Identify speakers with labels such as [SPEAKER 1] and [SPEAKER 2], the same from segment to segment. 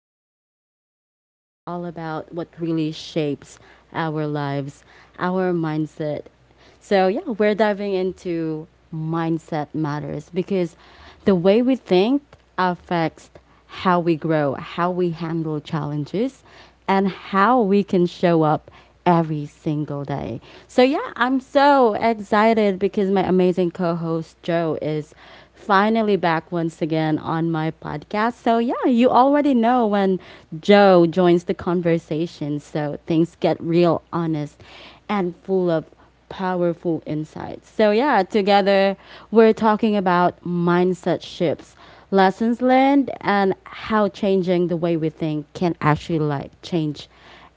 [SPEAKER 1] today's episode is all about what really shapes our lives, our mindset. So yeah, we're diving into mindset matters because the way we think affects how we grow, how we handle challenges, and how we can show up every single day. So, yeah, I'm so excited because my amazing co host Joe is finally back once again on my podcast. So, yeah, you already know when Joe joins the conversation. So, things get real honest and full of powerful insights. So, yeah, together we're talking about mindset shifts, lessons learned, and how changing the way we think can actually like change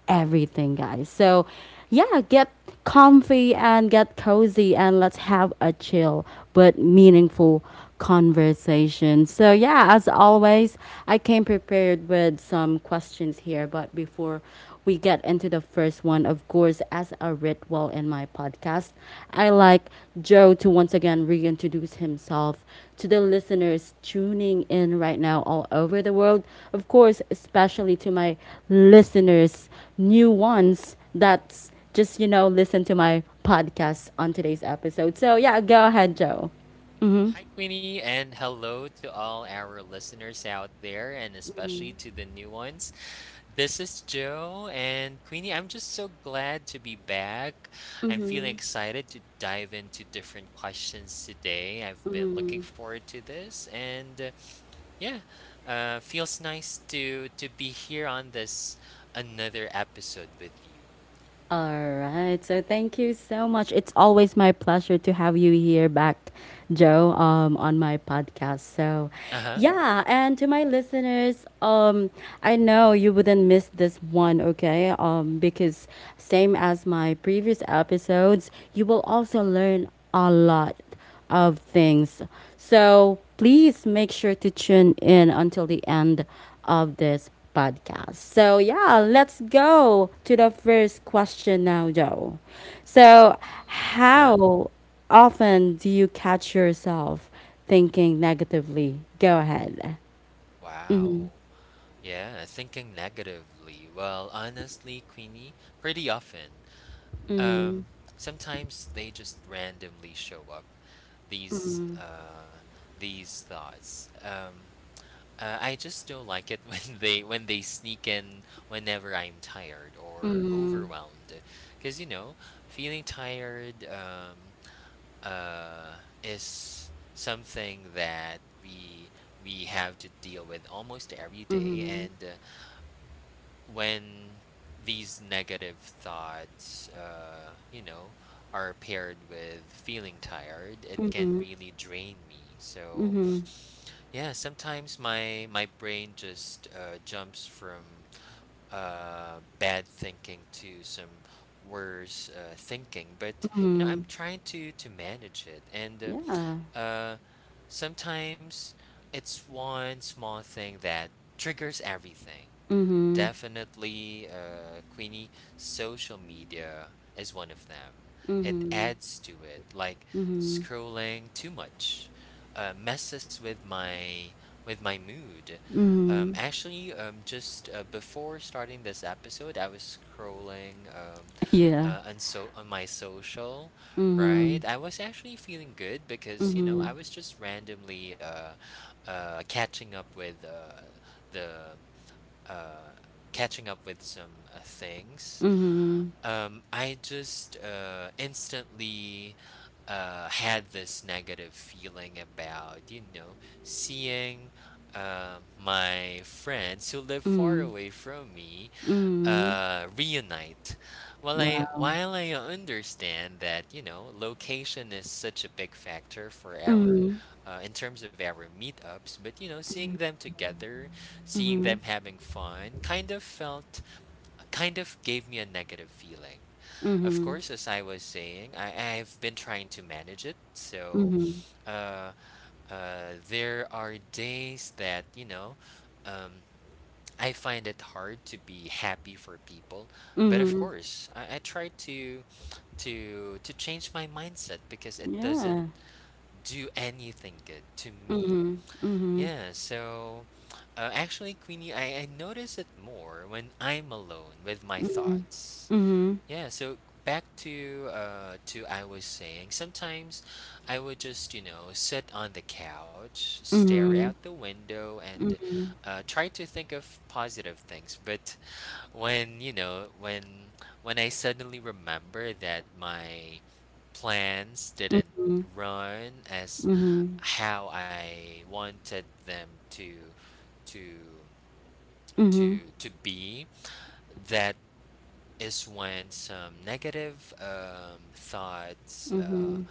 [SPEAKER 1] everything, guys. So, yeah, get comfy and get cozy and let's have a chill but meaningful conversation. So, yeah, as always, I came prepared with some questions here. But before we get into the first one, of course, as a ritual in my podcast, I like Joe to once again reintroduce himself to the listeners tuning in right now all over the world. Of course, especially to my listeners, new ones that's just listen to my podcast on today's episode. So yeah, go ahead, Joe.
[SPEAKER 2] Hi, Queenie, and hello to all our listeners out there, and especially to the new ones. This is Joe, and Queenie, I'm just so glad to be back. I'm feeling excited to dive into different questions today. I've been looking forward to this, and yeah, feels nice to be here on this another episode with you.
[SPEAKER 1] All right. So thank you so much. It's always my pleasure to have you here back, Joe, on my podcast. So,
[SPEAKER 2] Uh huh.
[SPEAKER 1] yeah. And to my listeners, I know you wouldn't miss this one, okay? Because same as my previous episodes, you will also learn a lot of things. So please make sure to tune in until the end of this podcast. So yeah, let's go to the first question now, Joe. So
[SPEAKER 2] Huh.
[SPEAKER 1] how often do you catch yourself thinking negatively? Go ahead.
[SPEAKER 2] Wow. Yeah, thinking negatively. Well, honestly, Queenie, pretty often. Um, Sometimes they just randomly show up. These uh, these thoughts. I just don't like it when they sneak in whenever I'm tired or
[SPEAKER 1] Mm-hmm.
[SPEAKER 2] overwhelmed, because you know, feeling tired uh, is something that we have to deal with almost every day,
[SPEAKER 1] Mm-hmm.
[SPEAKER 2] and when these negative thoughts, you know, are paired with feeling tired, it can
[SPEAKER 1] Mm-hmm.
[SPEAKER 2] really drain me. So
[SPEAKER 1] Mm-hmm.
[SPEAKER 2] yeah, sometimes my brain just jumps from bad thinking to some worse thinking. But you know, I'm trying to manage it, and
[SPEAKER 1] Yeah.
[SPEAKER 2] uh, uh, sometimes it's one small thing that triggers everything.
[SPEAKER 1] Mm-hmm.
[SPEAKER 2] Definitely, Queenie, social media is one of them. It adds to it, like scrolling too much, messes with my mood. Um,
[SPEAKER 1] Mm-hmm.
[SPEAKER 2] actually, um, just before starting this episode, I was scrolling
[SPEAKER 1] Yeah.
[SPEAKER 2] on on my social, right? I was actually feeling good because you know I was just randomly catching up with the uh, catching up with some things.
[SPEAKER 1] Mm-hmm.
[SPEAKER 2] I just instantly had this negative feeling about, you know, seeing my friends who live far away from me
[SPEAKER 1] Mm-hmm.
[SPEAKER 2] reunite. While I
[SPEAKER 1] Wow.
[SPEAKER 2] while I understand that, you know, location is such a big factor for our in terms of our meetups, but you know, seeing them together, seeing them having fun, kind of gave me a negative feeling. Of
[SPEAKER 1] Mm-hmm.
[SPEAKER 2] course, as I was saying, I've been trying to manage it. So uh, there are days that, you know, um, I find it hard to be happy for people. But of
[SPEAKER 1] Mm-hmm.
[SPEAKER 2] course, I try to change my mindset because it doesn't
[SPEAKER 1] Yeah.
[SPEAKER 2] do anything good to me.
[SPEAKER 1] Mhm. Mhm.
[SPEAKER 2] Yeah, so actually, Queenie, I notice it more when I'm alone with my thoughts.
[SPEAKER 1] Mhm.
[SPEAKER 2] Yeah, so back to I was saying, sometimes I would just, you know, sit on the couch, stare out
[SPEAKER 1] Mhm.
[SPEAKER 2] the window, and try to think of positive things. But when, you know, when I suddenly remember that my plans didn't run as
[SPEAKER 1] Mhm.
[SPEAKER 2] how I wanted them to to
[SPEAKER 1] Mhm.
[SPEAKER 2] to be, that is when some negative thoughts
[SPEAKER 1] Mhm.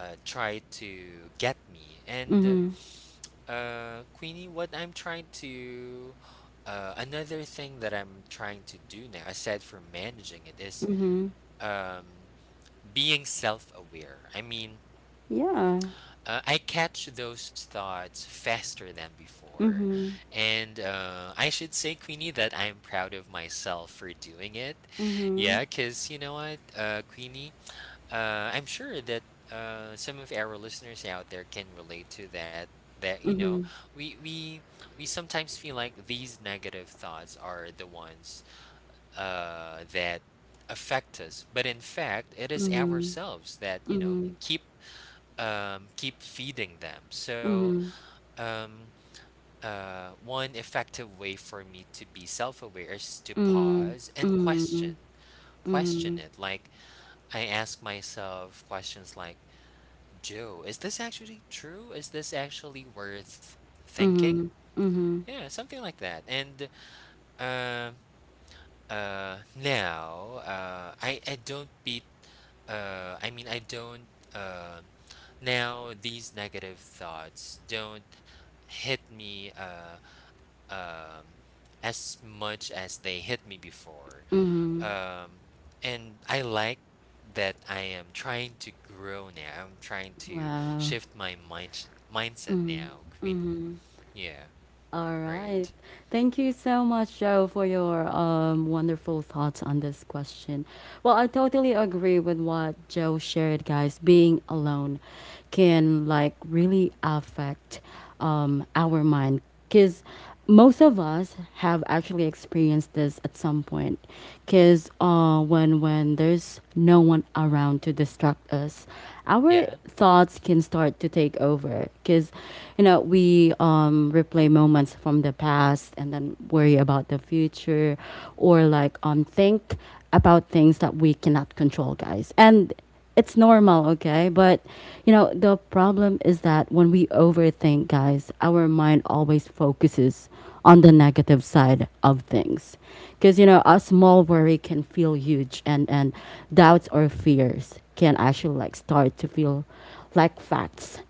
[SPEAKER 2] try to get me. And
[SPEAKER 1] Mhm.
[SPEAKER 2] Queenie, what I'm trying to another thing that I'm trying to do now, aside from managing it, is
[SPEAKER 1] Mhm.
[SPEAKER 2] um, being self-aware. I mean,
[SPEAKER 1] Yeah.
[SPEAKER 2] I catch those thoughts faster than before.
[SPEAKER 1] Mhm.
[SPEAKER 2] And I should say, Queenie, that I'm proud of myself for doing it. Yeah,
[SPEAKER 1] Mhm.
[SPEAKER 2] because you know what, Queenie, I'm sure that some of our listeners out there can relate to that. That you know,
[SPEAKER 1] Mhm.
[SPEAKER 2] we we we sometimes feel like these negative thoughts are the ones that affect us, but in fact, it is ourselves that you know keep keep feeding them. So, um, one effective way for me to be self aware is to pause and question. Question it. Like, I ask myself questions like, Joe, is this actually true? Is this actually worth thinking?
[SPEAKER 1] Mhm.
[SPEAKER 2] Yeah, something like that. And um, now, I don't beat. I mean, I don't. Uh, now these negative thoughts don't hit me. Um, as much as they hit me before.
[SPEAKER 1] Mhm.
[SPEAKER 2] Um, and I like that I am trying to grow now. I'm trying to
[SPEAKER 1] Wow.
[SPEAKER 2] shift my mindset now, Queenie. Yeah,
[SPEAKER 1] All
[SPEAKER 2] right.
[SPEAKER 1] right. Thank you so much, Joe, for your wonderful thoughts on this question. Well, I totally agree with what Joe shared, guys. Being alone can like really affect our mind because most of us have actually experienced this at some point because when there's no one around to distract us, our
[SPEAKER 2] Yeah,
[SPEAKER 1] thoughts can start to take over because we replay moments from the past and then worry about the future or like think about things that we cannot control, guys, and it's normal, okay? But the problem is that when we overthink, guys, our mind always focuses on the negative side of things. Cuz a small worry can feel huge, and doubts or fears can actually like start to feel like facts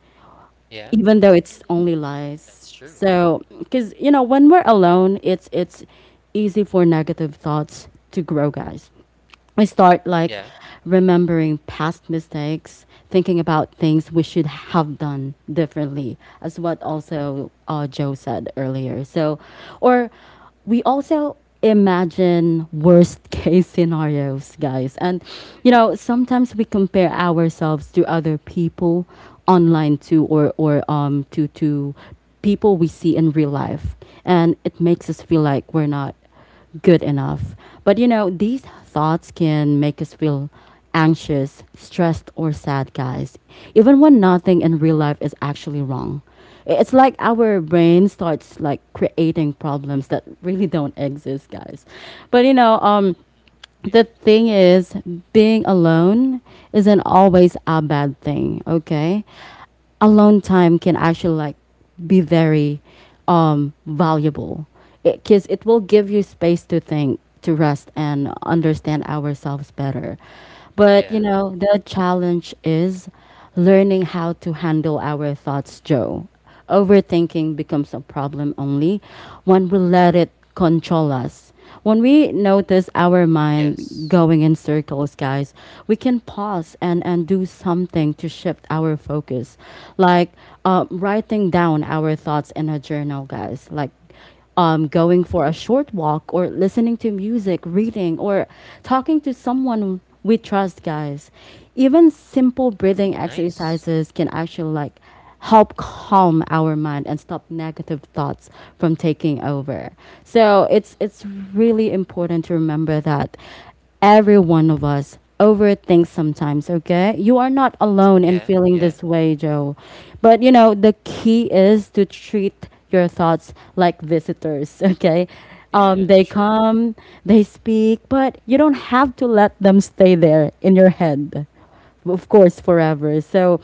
[SPEAKER 2] yeah,
[SPEAKER 1] even though
[SPEAKER 2] right.
[SPEAKER 1] it's only
[SPEAKER 2] That's
[SPEAKER 1] lies.
[SPEAKER 2] true.
[SPEAKER 1] So, cuz when we're alone, it's easy for negative thoughts to grow, guys. I start like
[SPEAKER 2] Yeah,
[SPEAKER 1] remembering past mistakes, thinking about things we should have done differently, as what
[SPEAKER 2] true.
[SPEAKER 1] also Joe said earlier. So, or we also imagine worst case scenarios, guys. And,
[SPEAKER 2] Yeah,
[SPEAKER 1] sometimes we compare ourselves to other people online too, or to people we see in real life. And it makes us feel like we're not good enough. But these thoughts can make us feel anxious, stressed, or sad, guys, even when nothing in real life is actually wrong. It's like our brain starts like creating problems that really don't exist, guys. But
[SPEAKER 2] yeah.
[SPEAKER 1] the thing is, being alone isn't always a bad thing, okay? Alone time can actually like be very valuable because it will give you space to think, to rest, and understand ourselves better. But,
[SPEAKER 2] Yeah.
[SPEAKER 1] the challenge is learning how to handle our thoughts, Joe. Overthinking becomes a problem only when we let it control us. When we notice our
[SPEAKER 2] Yes.
[SPEAKER 1] mind going in circles, guys, we can pause and, do something to shift our focus. Like writing down our thoughts in a journal, guys. Like going for a short walk or listening to music, reading, or talking to someone we trust, guys. Even simple breathing
[SPEAKER 2] Nice.
[SPEAKER 1] exercises can actually like help calm our mind and stop negative thoughts from taking over. So it's really important to remember that every one of us overthink sometimes, okay? You are not alone in
[SPEAKER 2] Yeah,
[SPEAKER 1] feeling
[SPEAKER 2] yeah.
[SPEAKER 1] this way, Joe. But the key is to treat your thoughts like visitors, okay?
[SPEAKER 2] Yeah,
[SPEAKER 1] They
[SPEAKER 2] sure,
[SPEAKER 1] come, they speak, but you don't have to let them stay there in your head of course forever. So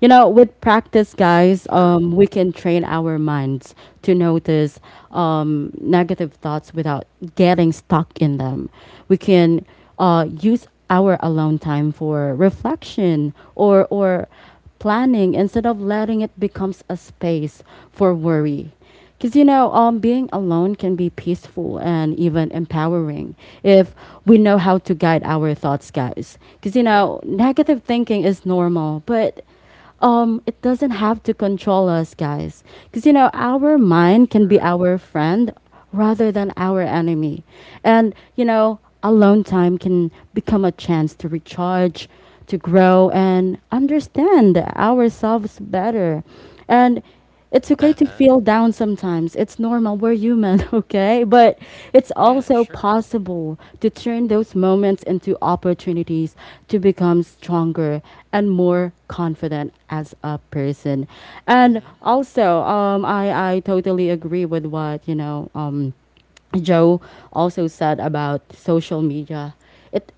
[SPEAKER 1] with practice, guys,
[SPEAKER 2] sure.
[SPEAKER 1] we can train our minds to notice negative thoughts without getting stuck in them. We can use our alone time for reflection or planning instead of letting it becomes a space for worry, because, being alone can be peaceful and even empowering if we know how to guide our thoughts, guys. Because,
[SPEAKER 2] Yeah,
[SPEAKER 1] negative thinking is normal, but it doesn't have to control us, guys. Because, our mind can be
[SPEAKER 2] sure.
[SPEAKER 1] our friend rather than our enemy. And, alone time can become a chance to recharge, to grow, and understand ourselves better. And it's okay to
[SPEAKER 2] Uh-huh.
[SPEAKER 1] feel down sometimes. It's normal. We're human, okay? But it's
[SPEAKER 2] Yeah,
[SPEAKER 1] also
[SPEAKER 2] sure.
[SPEAKER 1] possible to turn those moments into opportunities to become stronger and more confident as a person. And
[SPEAKER 2] Mhm.
[SPEAKER 1] also, I totally agree with what, Joe also said about social media. It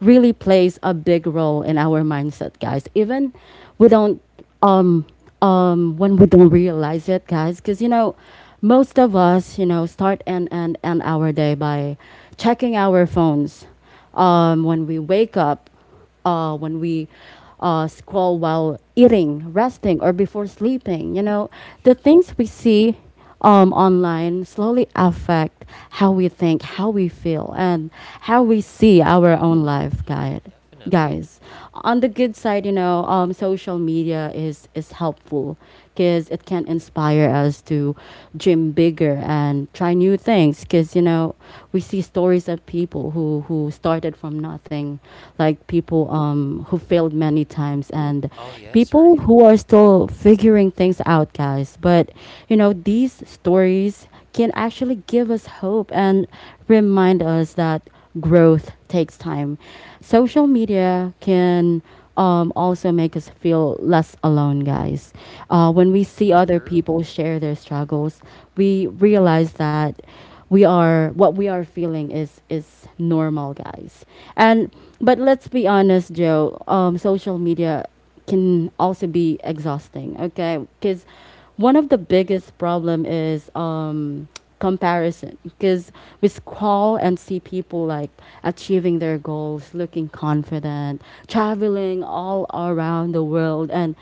[SPEAKER 1] really plays a big role in our mindset, guys. Even we don't um when we don't realize it, guys, because most of us, start and our day by checking our phones when we wake up, when we scroll while eating, resting, or before sleeping. The
[SPEAKER 2] Sure,
[SPEAKER 1] things we see online slowly affect how we think, how we feel, and how we see our own life, guys,
[SPEAKER 2] definitely.
[SPEAKER 1] guys. On the good side, social media is helpful because it can inspire us to dream bigger and try new things because we see stories of people who started from nothing down, like people who failed many times and
[SPEAKER 2] Oh, yes,
[SPEAKER 1] people
[SPEAKER 2] right.
[SPEAKER 1] who are still figuring things out, guys. But, these stories can actually give us hope and remind us that growth takes time. Social media can also make us feel less alone, guys. When we see other
[SPEAKER 2] True.
[SPEAKER 1] people share their struggles, we realize that we are what we are feeling is normal, guys. And but let's be honest, Joe. Social media can also be exhausting. Okay, because one of the
[SPEAKER 2] Right.
[SPEAKER 1] biggest problem is comparison, because we scroll and see people like achieving their goals, looking confident, traveling all around the world, and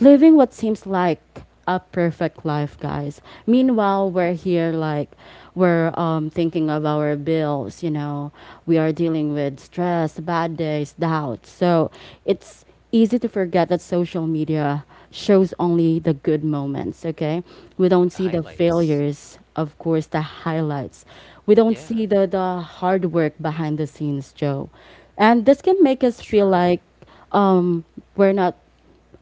[SPEAKER 1] living what seems like a perfect life, guys. Meanwhile, we're here like we're thinking of our bills. We are dealing with stress, bad days, doubts. So it's easy to forget that social media shows only the good moments, okay? We
[SPEAKER 2] The
[SPEAKER 1] don't see the
[SPEAKER 2] highlights.
[SPEAKER 1] failures, of course, the highlights. We don't
[SPEAKER 2] Yeah,
[SPEAKER 1] see the hard work behind the scenes, Joe. And this can make us feel
[SPEAKER 2] true.
[SPEAKER 1] like um, we're not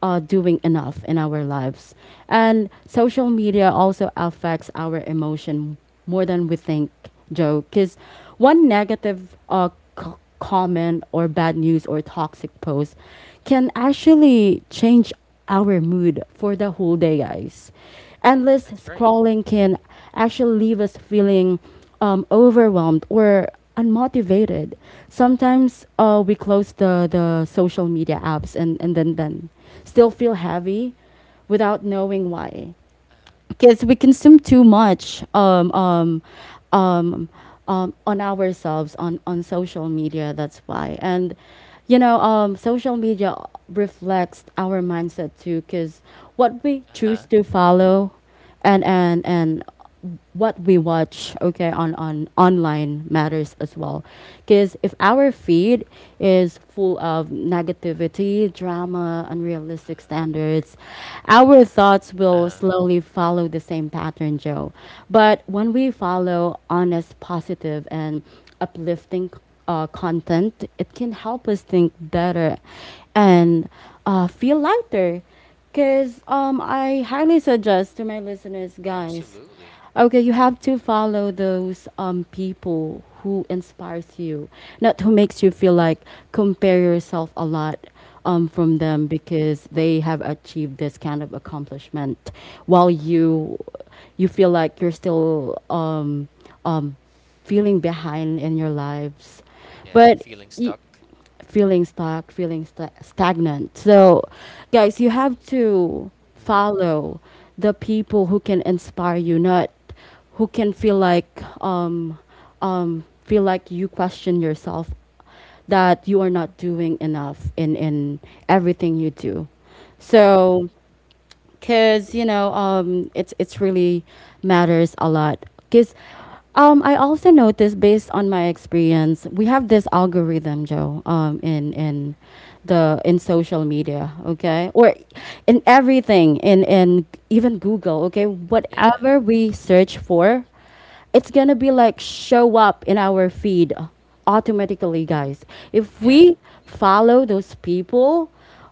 [SPEAKER 1] doing enough in our lives. And social media also affects our emotion more than we think, Joe. Because one negative c- comment or bad news or toxic post can actually change our mood for the whole day, guys. Endless
[SPEAKER 2] That's right.
[SPEAKER 1] scrolling can actually leave us feeling overwhelmed or unmotivated. Sometimes we close the social media apps and, and then still feel heavy without knowing why.
[SPEAKER 2] Uh-huh.
[SPEAKER 1] Because we consume too much um, on ourselves on social media. That's why. And, social media reflects our mindset too. Because what we
[SPEAKER 2] Uh-huh.
[SPEAKER 1] choose to follow and what we watch okay on online matters as well, because if our feed is full of negativity, drama, unrealistic
[SPEAKER 2] Uh-huh. Right.
[SPEAKER 1] standards, our thoughts will
[SPEAKER 2] Uh-huh.
[SPEAKER 1] slowly follow the same pattern, Joe. But when we follow honest, positive, and uplifting content, it can help us think better and feel lighter. Because I highly suggest to my listeners, guys,
[SPEAKER 2] Absolutely.
[SPEAKER 1] okay, you have to follow those people who inspires you, not who makes you feel like compare yourself a lot from them because they have achieved this kind of accomplishment while you feel like you're still um feeling behind in your lives.
[SPEAKER 2] Yeah,
[SPEAKER 1] But
[SPEAKER 2] feeling
[SPEAKER 1] y-
[SPEAKER 2] stuck.
[SPEAKER 1] feeling stuck, feeling stagnant. So, guys, you have to
[SPEAKER 2] Mhm.
[SPEAKER 1] follow the people who can inspire you, not who can feel like you question yourself that you are not doing enough in everything you do.
[SPEAKER 2] True.
[SPEAKER 1] So, because, you know, it's really matters a lot. Because I also noticed, based on my experience, we have this algorithm, Joe, in social media, okay, or in everything, in even Google, okay,
[SPEAKER 2] Yeah.
[SPEAKER 1] whatever we search for, it's gonna be like show up in our feed automatically, guys, if
[SPEAKER 2] Yeah.
[SPEAKER 1] we follow those people,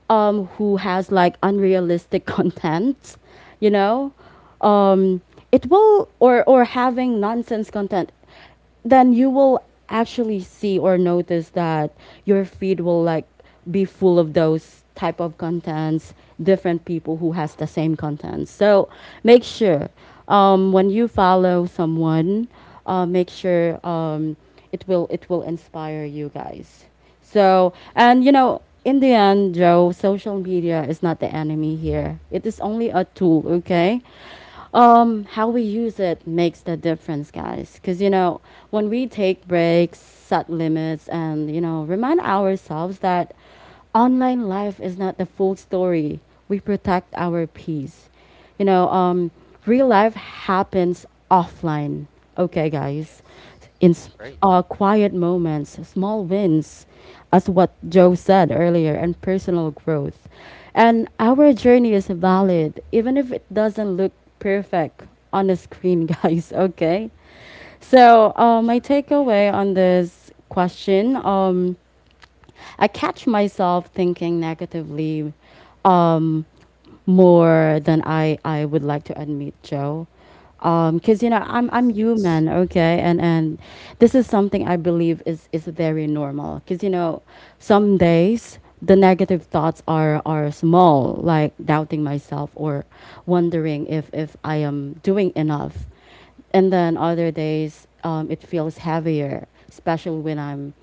[SPEAKER 1] who has like unrealistic content, you know, um, it will or having nonsense content. Then you will actually see or notice that your feed will like be full of those type of contents, different people who has the same content. So make sure, when you follow someone, make sure, it will inspire you, guys. So, and you
[SPEAKER 2] True.
[SPEAKER 1] know, in the end, Joe, social media is not the enemy here. It is only a tool, okay? How we use it makes the difference, guys. Because, you know, when we take breaks, set limits, and, you know, remind ourselves that online life is not the full story, we protect our peace. You know, real life happens offline. Okay,
[SPEAKER 2] Yes.
[SPEAKER 1] guys, in s-
[SPEAKER 2] Right.
[SPEAKER 1] quiet moments, small wins, as what Joe said earlier, and personal growth. And our journey is
[SPEAKER 2] Uh-huh.
[SPEAKER 1] valid, even if it doesn't look perfect on the screen, guys. Okay. So, my
[SPEAKER 2] True. Yes.
[SPEAKER 1] takeaway on this question, I catch myself thinking negatively. Um, More than I would like to admit, Joe. Because, you know,
[SPEAKER 2] Yes.
[SPEAKER 1] I'm
[SPEAKER 2] Yes.
[SPEAKER 1] human, okay, and this is something I believe is very normal. Because, you know, some
[SPEAKER 2] Sure.
[SPEAKER 1] days the negative thoughts are small, like doubting myself or wondering if I am doing enough. And then other days, it feels heavier, especially when I'm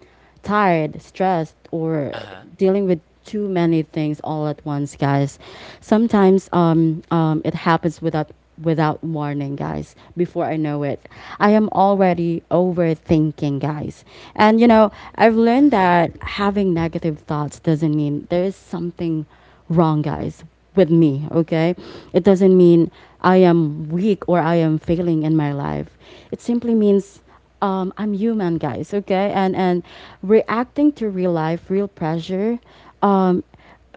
[SPEAKER 1] tired, stressed, or
[SPEAKER 2] Uh-huh.
[SPEAKER 1] dealing with too many things all at once, guys. Sometimes, it happens without warning, guys. Before I know it, I am already overthinking, guys. And you know, I've learned
[SPEAKER 2] Mhm.
[SPEAKER 1] that having negative thoughts doesn't mean there is something wrong, guys, with me, okay? It doesn't mean I am weak or I am failing in my life. It simply means, I'm human, guys, okay? And reacting to real life, real pressure, um,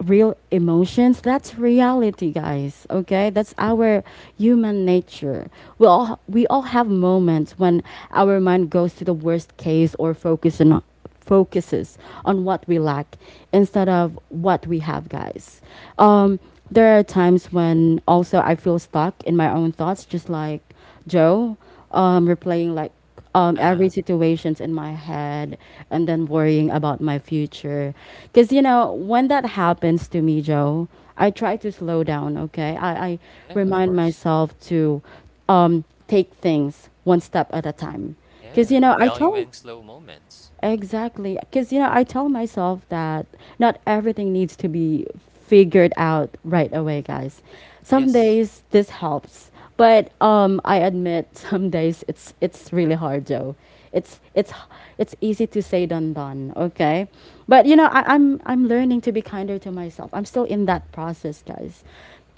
[SPEAKER 1] real emotions. That's reality, guys. Okay, that's our human nature. We all have moments when our mind goes to the worst case, or focuses on what we lack, instead of what we have, guys. um there are times when also I feel stuck in my own thoughts, just like Joe, replaying like, every
[SPEAKER 2] Uh-huh.
[SPEAKER 1] situations in my head, and then worrying about my future. Because, you know, when that happens to me, Joe, I try to slow down, okay? I
[SPEAKER 2] Yeah, of
[SPEAKER 1] remind
[SPEAKER 2] course.
[SPEAKER 1] myself to, take things one step at a time. Because, you
[SPEAKER 2] Yeah,
[SPEAKER 1] know, I
[SPEAKER 2] value
[SPEAKER 1] told
[SPEAKER 2] in slow moments.
[SPEAKER 1] exactly. Because, you know, I tell myself that not everything needs to be figured out right away, guys. Some
[SPEAKER 2] Yes.
[SPEAKER 1] days this helps, but, I admit some days it's really hard, Joe. It's it's it's easy to say done done, okay? But you know, I'm learning to be kinder to myself. I'm still in that process, guys.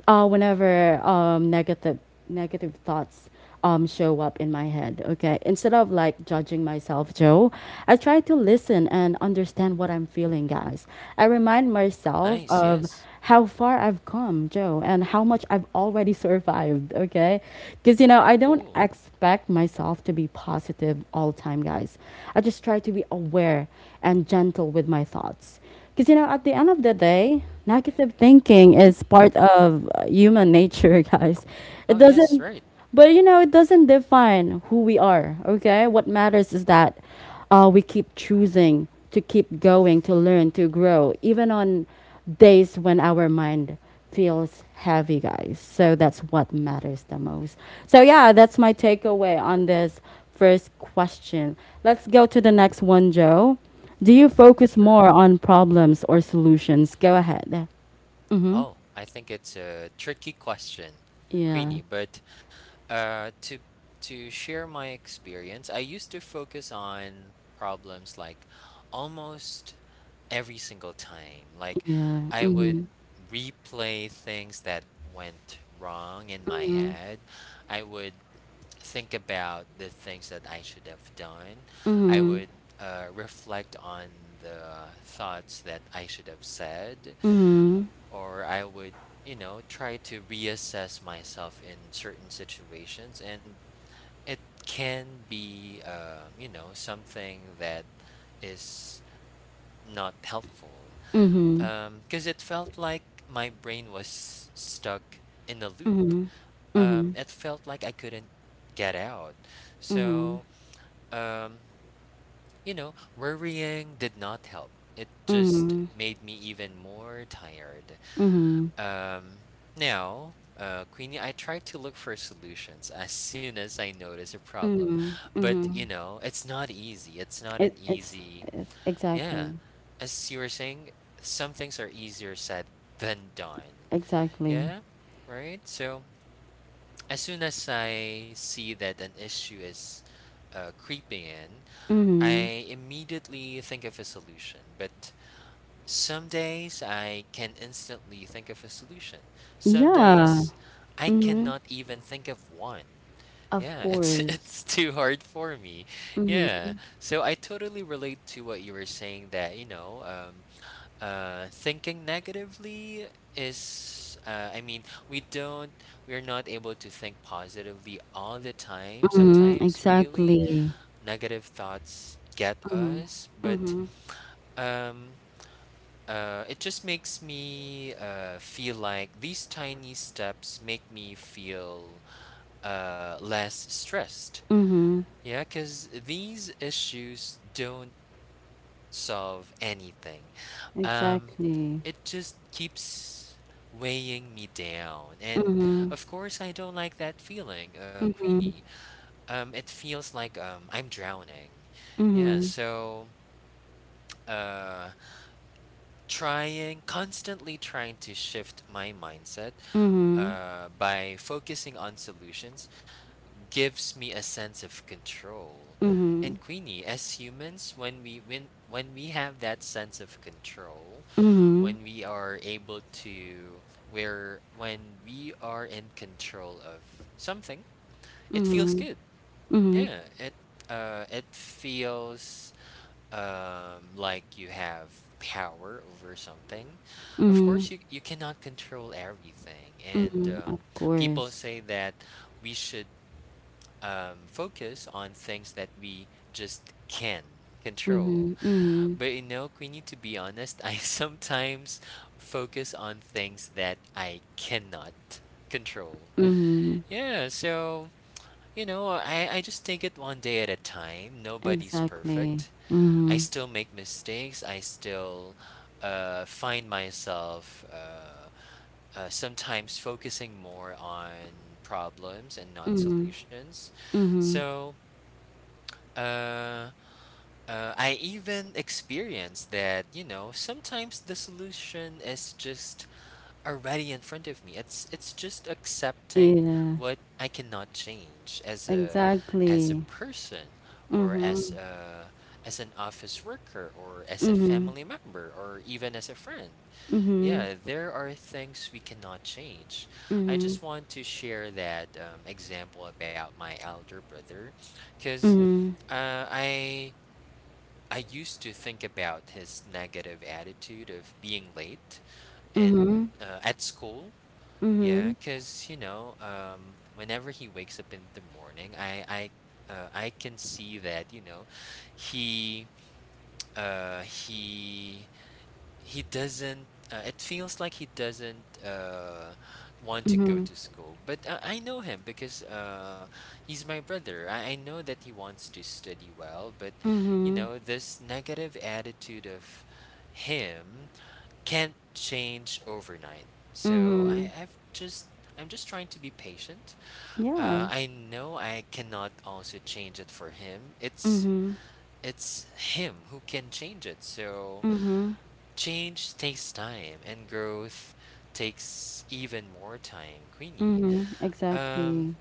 [SPEAKER 1] Whenever, negative thoughts, show up in my head. Okay. Instead of like judging myself, Joe, I try to listen and understand what I'm feeling, guys. I remind myself
[SPEAKER 2] Nice.
[SPEAKER 1] of
[SPEAKER 2] Yes.
[SPEAKER 1] how far I've come, Joe, and how much I've already survived. Okay. Because, you know, I don't
[SPEAKER 2] Cool.
[SPEAKER 1] expect myself to be positive all the time, guys. I just try to be aware and gentle with my thoughts. Because, you know, at the end of the day,
[SPEAKER 2] Yeah,
[SPEAKER 1] negative
[SPEAKER 2] yeah.
[SPEAKER 1] thinking is part of, human nature, guys. It
[SPEAKER 2] Oh, yes,
[SPEAKER 1] doesn't.
[SPEAKER 2] right.
[SPEAKER 1] But you know, it doesn't define who we are, okay? What matters is that, we keep choosing to keep going, to learn, to grow, even on days when our mind feels heavy, guys. So that's what matters the most. So, yeah, that's my takeaway on this first question. Let's go to the next one, Joe. Do you
[SPEAKER 2] Nice. Yeah,
[SPEAKER 1] focus
[SPEAKER 2] sure.
[SPEAKER 1] more on problems or solutions? Go ahead. Mm hmm.
[SPEAKER 2] Oh, I think it's a tricky question,
[SPEAKER 1] Yeah.
[SPEAKER 2] Queenie, but Uh, to to share my experience, I used to focus on problems like almost every single time. Like
[SPEAKER 1] Yeah.
[SPEAKER 2] I
[SPEAKER 1] Mm hmm.
[SPEAKER 2] would replay things that went wrong in my head. I would think about the things that I should have done. I would reflect on the thoughts that I should have said,
[SPEAKER 1] Mm hmm.
[SPEAKER 2] or I would, you know, try to reassess myself in certain situations. And it can be, you know, something that is not helpful
[SPEAKER 1] Mm hmm.
[SPEAKER 2] because it felt like my brain was stuck in a loop.
[SPEAKER 1] Mhm. Mhm.
[SPEAKER 2] It felt like I couldn't get out. So,
[SPEAKER 1] Mhm.
[SPEAKER 2] um, you know, worrying did not help. It just
[SPEAKER 1] Mhm.
[SPEAKER 2] made me even more tired.
[SPEAKER 1] Mhm.
[SPEAKER 2] Um, Now, Queenie, I try to look for solutions as soon as I notice a problem,
[SPEAKER 1] Mhm.
[SPEAKER 2] but you
[SPEAKER 1] Mhm.
[SPEAKER 2] know, it's not easy. It's not
[SPEAKER 1] It
[SPEAKER 2] an
[SPEAKER 1] it's
[SPEAKER 2] easy,
[SPEAKER 1] it's
[SPEAKER 2] yeah.
[SPEAKER 1] exactly.
[SPEAKER 2] As you were saying, some things are easier said than done.
[SPEAKER 1] Exactly.
[SPEAKER 2] Yeah, right? So, as soon as I see that an issue is creeping in,
[SPEAKER 1] Mhm.
[SPEAKER 2] I immediately think of a solution, but some days I can instantly think of a solution. Some days
[SPEAKER 1] Yeah.
[SPEAKER 2] I
[SPEAKER 1] Mhm.
[SPEAKER 2] cannot even think of one.
[SPEAKER 1] Of
[SPEAKER 2] Yeah, it's
[SPEAKER 1] course.
[SPEAKER 2] it's too hard for me.
[SPEAKER 1] Mhm.
[SPEAKER 2] Yeah. So I totally relate to what you were saying that, you know, thinking negatively is I mean, we don't we're not able to think positively all the time
[SPEAKER 1] Mhm.
[SPEAKER 2] sometimes, really.
[SPEAKER 1] Exactly.
[SPEAKER 2] Negative thoughts get us, but
[SPEAKER 1] Mhm.
[SPEAKER 2] um it just makes me feel like these tiny steps make me feel less stressed.
[SPEAKER 1] Mhm.
[SPEAKER 2] Yeah, because these issues don't solve anything. Um,
[SPEAKER 1] Exactly.
[SPEAKER 2] it just keeps weighing me down. And
[SPEAKER 1] Mhm.
[SPEAKER 2] of course, I don't like that feeling,
[SPEAKER 1] Mhm.
[SPEAKER 2] Queenie. It feels like I'm drowning. Yeah,
[SPEAKER 1] Mhm.
[SPEAKER 2] so uh, trying, constantly trying to shift my mindset
[SPEAKER 1] Mhm.
[SPEAKER 2] by focusing on solutions gives me a sense of control. And
[SPEAKER 1] Mhm.
[SPEAKER 2] Queenie, as humans, when we have that sense of control, when
[SPEAKER 1] Mhm.
[SPEAKER 2] we are able to where when we are in control of something, it feels
[SPEAKER 1] Mhm.
[SPEAKER 2] good.
[SPEAKER 1] Mhm.
[SPEAKER 2] Yeah, it it feels like you have power over something. Of course
[SPEAKER 1] Mhm.
[SPEAKER 2] you, you cannot control everything, and
[SPEAKER 1] Mhm. Of
[SPEAKER 2] people
[SPEAKER 1] course.
[SPEAKER 2] say that we should focus on things that we just can control,
[SPEAKER 1] Mhm. Mhm.
[SPEAKER 2] but you know, Queenie, to be honest, I sometimes focus on things that I cannot control.
[SPEAKER 1] Mhm.
[SPEAKER 2] Yeah, so you know, i just take it one day at a time. Nobody's
[SPEAKER 1] Exactly.
[SPEAKER 2] perfect. I
[SPEAKER 1] Mhm.
[SPEAKER 2] still make mistakes. I still find myself sometimes focusing more on problems and not
[SPEAKER 1] Mhm.
[SPEAKER 2] solutions.
[SPEAKER 1] Mhm.
[SPEAKER 2] So uh, I even experience that, you know, sometimes the solution is just already in front of me. It's just accepting
[SPEAKER 1] Yeah.
[SPEAKER 2] what I cannot change as a
[SPEAKER 1] Exactly.
[SPEAKER 2] person, or as
[SPEAKER 1] Mhm.
[SPEAKER 2] a as an office worker, or as a
[SPEAKER 1] Mhm.
[SPEAKER 2] family member, or even as a friend.
[SPEAKER 1] Mhm.
[SPEAKER 2] Yeah, there are things we cannot change. I
[SPEAKER 1] Mhm.
[SPEAKER 2] just want to share that example about my elder brother because
[SPEAKER 1] Mhm.
[SPEAKER 2] uh, I I used to think about his negative attitude of being late and
[SPEAKER 1] Mhm.
[SPEAKER 2] at school. Yeah,
[SPEAKER 1] Mhm.
[SPEAKER 2] because you know, whenever he wakes up in the morning, I can see that you know, he uh he he doesn't. It feels like he doesn't want to go
[SPEAKER 1] Mhm.
[SPEAKER 2] to school. But I know him because he's my brother. I know that he wants to study well, but you
[SPEAKER 1] Mhm.
[SPEAKER 2] know, this negative attitude of him can't change overnight. So
[SPEAKER 1] Mhm.
[SPEAKER 2] I'm just trying to be patient.
[SPEAKER 1] Yeah.
[SPEAKER 2] I know I cannot also change it for him.
[SPEAKER 1] Mhm.
[SPEAKER 2] It's him who can change it. So
[SPEAKER 1] Mhm.
[SPEAKER 2] change takes time, and growth takes even more time, Queenie.
[SPEAKER 1] Mhm.
[SPEAKER 2] Um,
[SPEAKER 1] Exactly.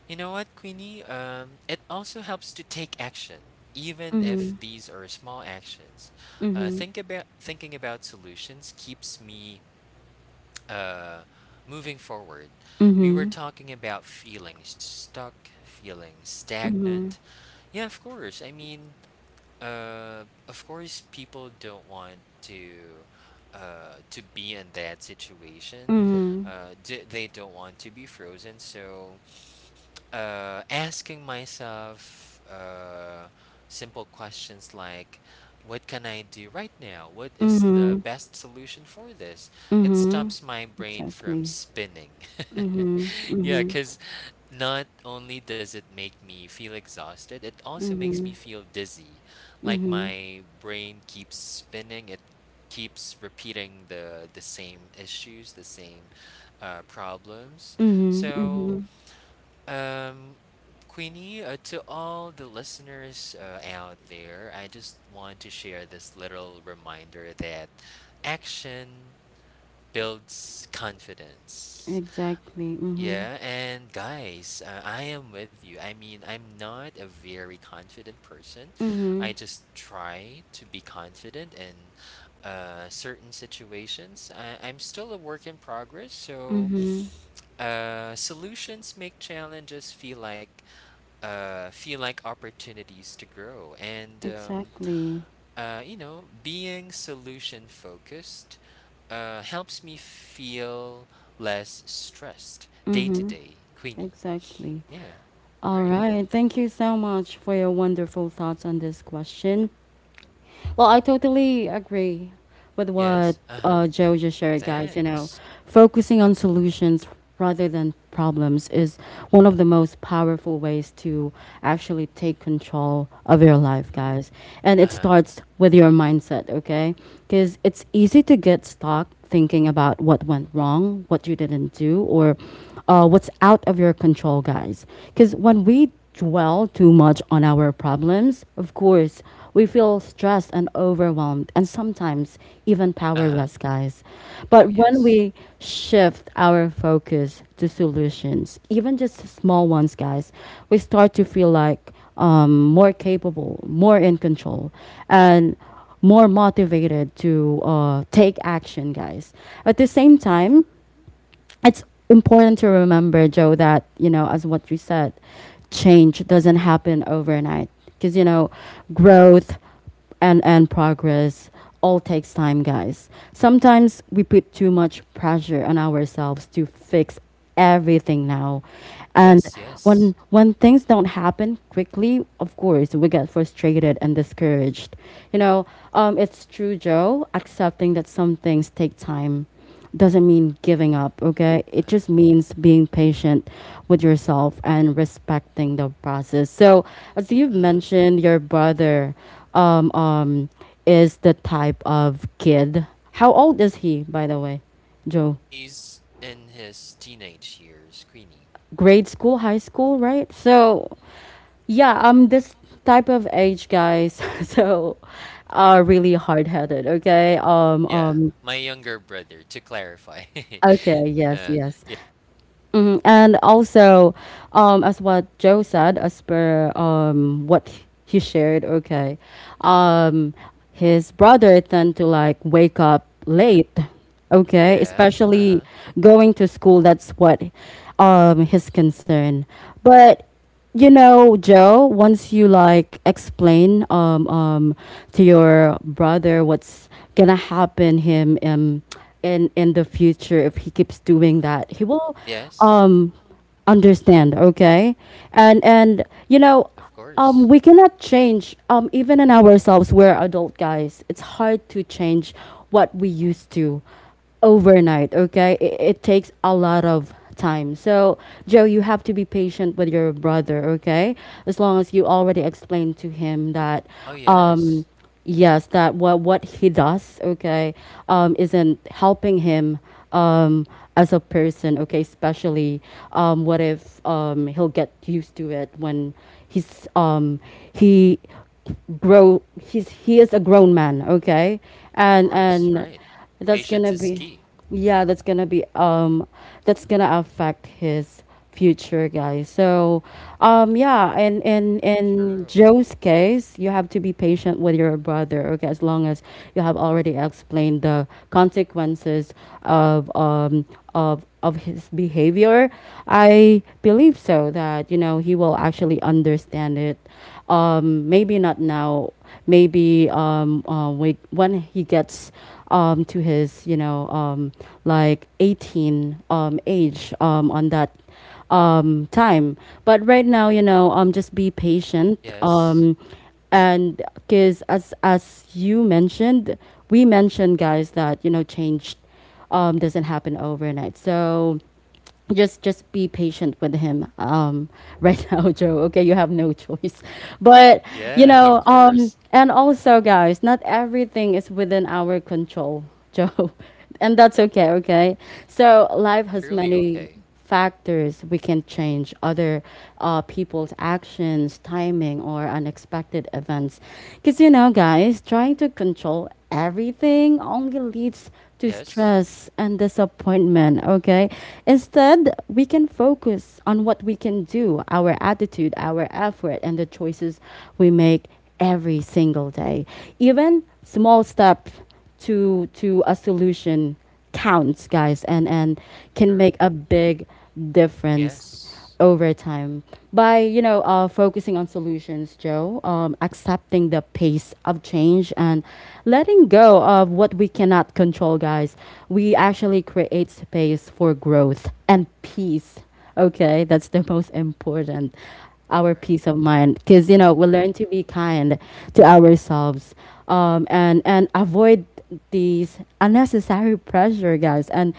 [SPEAKER 2] you know what, Queenie? It also helps to take action, even if
[SPEAKER 1] Mhm.
[SPEAKER 2] these are small actions.
[SPEAKER 1] Mhm.
[SPEAKER 2] Thinking about solutions keeps me uh moving forward. We were
[SPEAKER 1] Mhm.
[SPEAKER 2] talking about feeling stuck, feeling
[SPEAKER 1] Mhm.
[SPEAKER 2] stagnant. Yeah, of course I mean, of course people don't want to be in that situation.
[SPEAKER 1] Mhm.
[SPEAKER 2] They don't want to be frozen, so asking myself simple questions like, what can I do right now? What is the
[SPEAKER 1] Mhm.
[SPEAKER 2] best solution for this? It
[SPEAKER 1] Mhm.
[SPEAKER 2] stops my brain from
[SPEAKER 1] Exactly.
[SPEAKER 2] spinning.
[SPEAKER 1] Mhm.
[SPEAKER 2] Yeah,
[SPEAKER 1] Mhm.
[SPEAKER 2] because not only does it make me feel exhausted, it also makes me
[SPEAKER 1] Mhm.
[SPEAKER 2] feel dizzy. Like
[SPEAKER 1] Mhm.
[SPEAKER 2] my brain keeps spinning. It keeps repeating the same issues, the same problems.
[SPEAKER 1] Mhm.
[SPEAKER 2] So
[SPEAKER 1] Mhm.
[SPEAKER 2] um, Queenie, to all the listeners out there, I just want to share this little reminder that action builds confidence.
[SPEAKER 1] Exactly. Mhm.
[SPEAKER 2] Yeah, and guys, I am with you. I mean, I'm not a very confident person.
[SPEAKER 1] Mhm.
[SPEAKER 2] I just try to be confident in certain situations. I'm still a work in progress, so
[SPEAKER 1] Mhm.
[SPEAKER 2] solutions make challenges feel like opportunities to grow and
[SPEAKER 1] Exactly.
[SPEAKER 2] being solution focused helps me feel less stressed day to
[SPEAKER 1] Mhm.
[SPEAKER 2] day, Queenie.
[SPEAKER 1] Exactly.
[SPEAKER 2] Yeah.
[SPEAKER 1] All
[SPEAKER 2] Right.
[SPEAKER 1] right. Thank you so much for your wonderful thoughts on this question. Well, I totally agree with
[SPEAKER 2] Yes,
[SPEAKER 1] what,
[SPEAKER 2] uh-huh.
[SPEAKER 1] Joe just shared, guys. You
[SPEAKER 2] Thanks.
[SPEAKER 1] know, focusing on solutions rather than problems is one of the most powerful ways to actually take control of your life, guys. And it
[SPEAKER 2] Uh-huh.
[SPEAKER 1] starts with your mindset, okay? Because it's easy to get stuck thinking about what went wrong, what you didn't do, or, what's out of your control, guys. Because when we dwell too much on our problems, of course, we feel stressed and overwhelmed and sometimes even
[SPEAKER 2] Uh-huh.
[SPEAKER 1] powerless, guys.
[SPEAKER 2] Oh,
[SPEAKER 1] But
[SPEAKER 2] yes,
[SPEAKER 1] when we shift our focus to solutions, even just small ones, guys, we start to feel like, more capable, more in control. And more motivated to, take action, guys. At the same time, it's important to remember, Joe, that, you know, as what you said, change doesn't happen overnight. Because, you know, growth and progress all takes time, guys. Sometimes we put too much pressure on ourselves to fix everything now. And
[SPEAKER 2] yes, yes.
[SPEAKER 1] when things don't happen quickly, of course, we get frustrated and discouraged. You know, it's true, Joe, accepting that some things take time doesn't mean giving up, okay? It just means being patient with yourself and respecting the process. So, as you've
[SPEAKER 2] Hmm.
[SPEAKER 1] mentioned, your brother, um, um, is the type of kid. How old is he, by the way, Joe?
[SPEAKER 2] He's in his teenage years, Queenie.
[SPEAKER 1] Grade school, high school, right? So, yeah, this type of age, guys, so are really hard headed. Okay.
[SPEAKER 2] Yeah, my younger brother to clarify.
[SPEAKER 1] Okay, yes,
[SPEAKER 2] uh,
[SPEAKER 1] yes. Mhm. And also, as what Joe said, as per, what he shared, okay, um, his brother tend to like wake up late, okay,
[SPEAKER 2] yeah. Uh-huh.
[SPEAKER 1] especially going to school. That's what, his concern. But, you know, Joe, once you like explain, to your brother what's gonna happen him, in the future, if he keeps doing that, he will,
[SPEAKER 2] Yes,
[SPEAKER 1] um understand, okay? And, you know,
[SPEAKER 2] of course.
[SPEAKER 1] we cannot change, even in ourselves, we're adult, guys. It's hard to change what we used to overnight, okay? It takes a lot of time. So, Joe, you have to be patient with your brother, okay, as long as you already explained to him that,
[SPEAKER 2] Oh, yes.
[SPEAKER 1] um yes, that what he does, okay, isn't helping him, um as a person, okay, especially, what if, he'll get used to it when he's, he he is a grown man, okay,
[SPEAKER 2] Of
[SPEAKER 1] and
[SPEAKER 2] course,
[SPEAKER 1] and
[SPEAKER 2] right.
[SPEAKER 1] that's
[SPEAKER 2] Patience
[SPEAKER 1] gonna
[SPEAKER 2] is
[SPEAKER 1] be,
[SPEAKER 2] key.
[SPEAKER 1] yeah, that's gonna be, that's gonna affect his future, guys. So, yeah, and
[SPEAKER 2] True.
[SPEAKER 1] in Joe's case, you have to be patient with your brother. Okay, as long as you have already explained the consequences of, of his behavior, I believe, so that, you know, he will actually understand it. Maybe not now, maybe, when he gets, to his, you know, like 18 age, on that, time. But right now, you know, just be patient.
[SPEAKER 2] Yes.
[SPEAKER 1] And because as you mentioned, we mentioned, guys, that, you know, change, doesn't happen overnight. So just be patient with him, right now, Joe. Okay, you have no choice. But, you
[SPEAKER 2] Yeah, of
[SPEAKER 1] know,
[SPEAKER 2] course.
[SPEAKER 1] and also, guys, not everything is within our control, Joe, and that's okay. Okay, so life has
[SPEAKER 2] Truly
[SPEAKER 1] many
[SPEAKER 2] okay.
[SPEAKER 1] factors we can change, other, people's actions, timing, or unexpected events. Because, you know, guys, trying to control everything only leads to
[SPEAKER 2] Yes.
[SPEAKER 1] stress and disappointment, okay? Instead, we can focus on what we can do, our attitude, our effort, and the choices we make every single day. Even small steps to a solution counts, guys, and can
[SPEAKER 2] True.
[SPEAKER 1] make a big difference
[SPEAKER 2] Yes.
[SPEAKER 1] over time, by, you know, focusing on solutions, Joe, accepting the pace of change and letting go of what we cannot control, guys. We actually create space for growth and peace. Okay, that's the most important. Our
[SPEAKER 2] Right.
[SPEAKER 1] peace of mind, because, you know, we learn to be kind to ourselves, and avoid these unnecessary pressure, guys, and,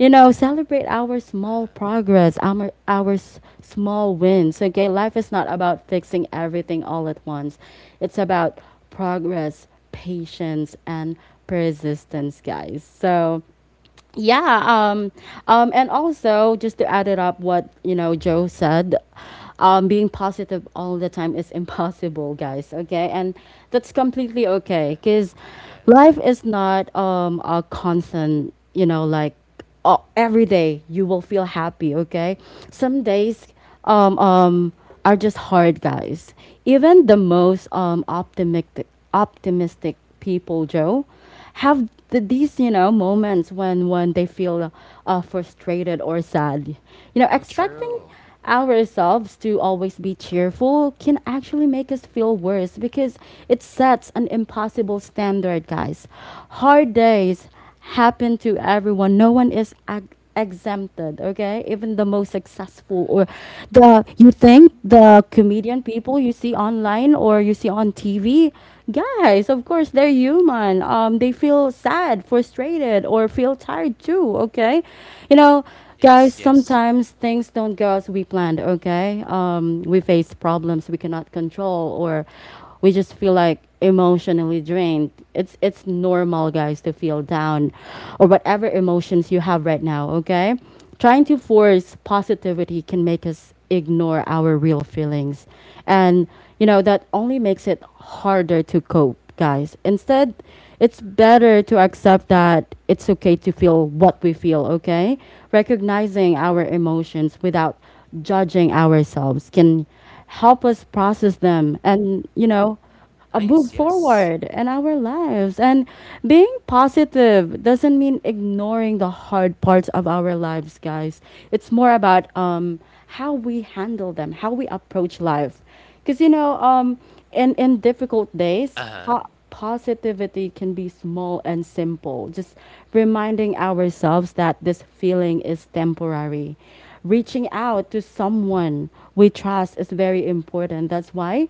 [SPEAKER 1] you know, celebrate our small
[SPEAKER 2] Uh-huh.
[SPEAKER 1] progress, small wins. Okay, life is not about fixing everything all at once; it's about progress, patience, and persistence, guys. So yeah um and also just to add it up what Joe said, being positive all the time is impossible, guys, okay, and that's completely
[SPEAKER 2] Yeah,
[SPEAKER 1] okay because
[SPEAKER 2] yeah.
[SPEAKER 1] life is not a constant, like, or every day you will feel happy, okay? Some days um, um, are just hard, guys. Even the most optimistic people, Joe, have these moments when they feel frustrated or sad,
[SPEAKER 2] Oh,
[SPEAKER 1] expecting
[SPEAKER 2] true.
[SPEAKER 1] ourselves to always be cheerful can actually make us feel worse because it sets an impossible standard, guys. Hard days happen to everyone. No one is exempted, okay? Even the most successful or
[SPEAKER 2] Right.
[SPEAKER 1] the, you think, the comedian people you see online or you see on TV, guys, of course they're human. They feel sad, frustrated or feel tired too, okay? You know,
[SPEAKER 2] Yes,
[SPEAKER 1] guys,
[SPEAKER 2] yes.
[SPEAKER 1] sometimes things don't go as we planned, okay? We face problems we cannot control, or we just feel like emotionally drained. It's normal, guys, to feel down or whatever emotions you have right now, okay? Trying to force positivity can make us ignore our real feelings. And, you know, that only makes it harder to cope, guys. Instead, it's
[SPEAKER 2] True.
[SPEAKER 1] better to accept that it's okay to feel what we feel, okay? Recognizing our emotions without judging ourselves can help us process them and, you know,
[SPEAKER 2] Nice,
[SPEAKER 1] move
[SPEAKER 2] yes.
[SPEAKER 1] forward in our lives. And being positive doesn't mean ignoring the hard parts of our lives, guys. It's more about how we handle them, how we approach life. Because, you know, in difficult days,
[SPEAKER 2] Uh-huh.
[SPEAKER 1] positivity can be small and simple. Just reminding ourselves that this feeling is temporary. Reaching out to
[SPEAKER 2] Mhm.
[SPEAKER 1] someone we trust is very important. That's why,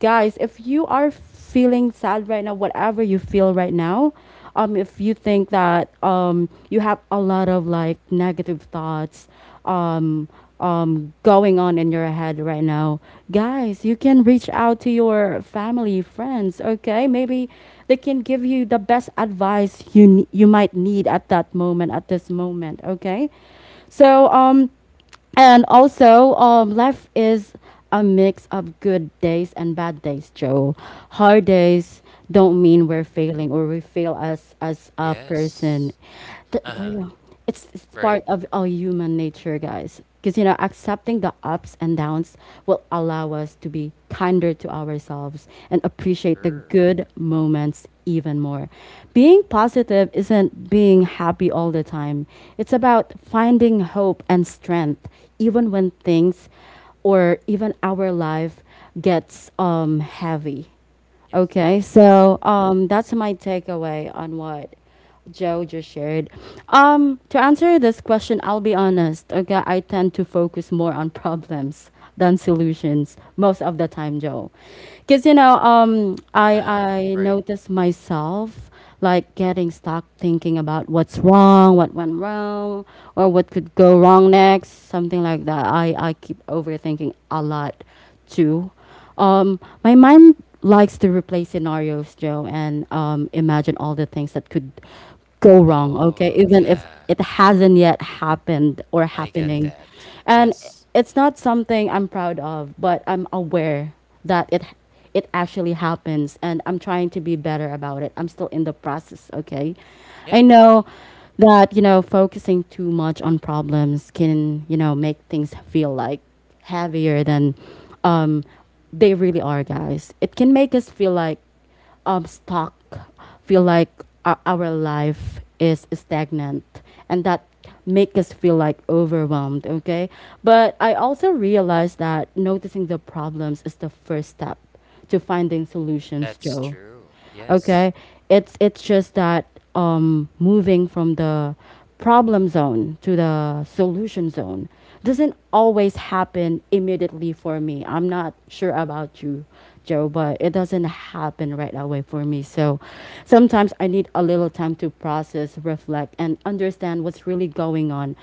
[SPEAKER 1] guys, if you are feeling sad right now, whatever you feel right now, if you think that you have a lot of like negative thoughts um going on in your head right now, guys, you can reach out to your family, friends, okay? Maybe they can give you the best advice you you might need at that moment, at this moment, okay? So and also, life is a mix of good days and bad days, Joe. Hard days don't mean we're failing or we fail as a
[SPEAKER 2] Yes.
[SPEAKER 1] person. Th-
[SPEAKER 2] Uh-huh.
[SPEAKER 1] we're- it's part
[SPEAKER 2] Right.
[SPEAKER 1] of our human nature, guys. Because, you know, accepting the ups and downs will allow us to be kinder to ourselves and appreciate the
[SPEAKER 2] Sure.
[SPEAKER 1] good moments even more. Being positive isn't being happy all the time, it's about finding hope and strength, even when things or even our life gets heavy.
[SPEAKER 2] Yes.
[SPEAKER 1] Okay, so that's my takeaway on what Joe just shared. To answer this question, I'll be honest. Okay, I tend to focus more on problems than solutions most of the time, Joe, because, you know, I
[SPEAKER 2] Uh-huh.
[SPEAKER 1] I
[SPEAKER 2] Right.
[SPEAKER 1] notice myself like getting stuck thinking about what's wrong, what went wrong, or what could go wrong next, something like that. I keep overthinking a lot too. My mind likes to replay scenarios, Joe, and imagine all the things that could go
[SPEAKER 2] Oh,
[SPEAKER 1] wrong. Okay, even if
[SPEAKER 2] yeah.
[SPEAKER 1] it hasn't yet happened or
[SPEAKER 2] I get
[SPEAKER 1] happening,
[SPEAKER 2] that.
[SPEAKER 1] and
[SPEAKER 2] Yes.
[SPEAKER 1] it's not something I'm proud of, but I'm aware that it actually happens, and I'm trying to be better about it. I'm still in the process. Okay, I
[SPEAKER 2] Yeah.
[SPEAKER 1] know that, you know, focusing too much on problems can, you know, make things feel like heavier than um, they really are, guys. It can make us feel like stuck, feel like our life is stagnant, and that make us feel like overwhelmed, okay? But I also realized that noticing the problems is the first step to finding solutions,
[SPEAKER 2] That's
[SPEAKER 1] Joe.
[SPEAKER 2] true. Yes.
[SPEAKER 1] Okay, it's just that moving from the problem zone to the solution zone doesn't always happen immediately for me. I'm not sure about you,
[SPEAKER 2] Mhm.
[SPEAKER 1] Joe, but it doesn't happen right away for me. So sometimes I need a little time to process, reflect, and understand what's really going on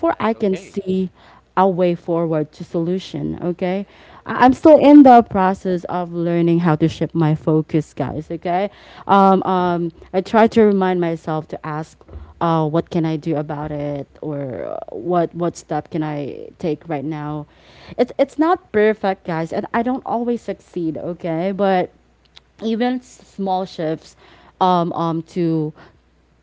[SPEAKER 2] And that's
[SPEAKER 1] I can
[SPEAKER 2] okay.
[SPEAKER 1] see a way forward to solution, okay?
[SPEAKER 2] Yeah,
[SPEAKER 1] I'm
[SPEAKER 2] yeah,
[SPEAKER 1] still in the process of learning how to shift my focus, guys, okay?
[SPEAKER 2] uh,
[SPEAKER 1] I try to remind myself to ask, what can I do about it, or what step can I take right now? It's not perfect, guys, and I don't always succeed, okay, but even small shifts to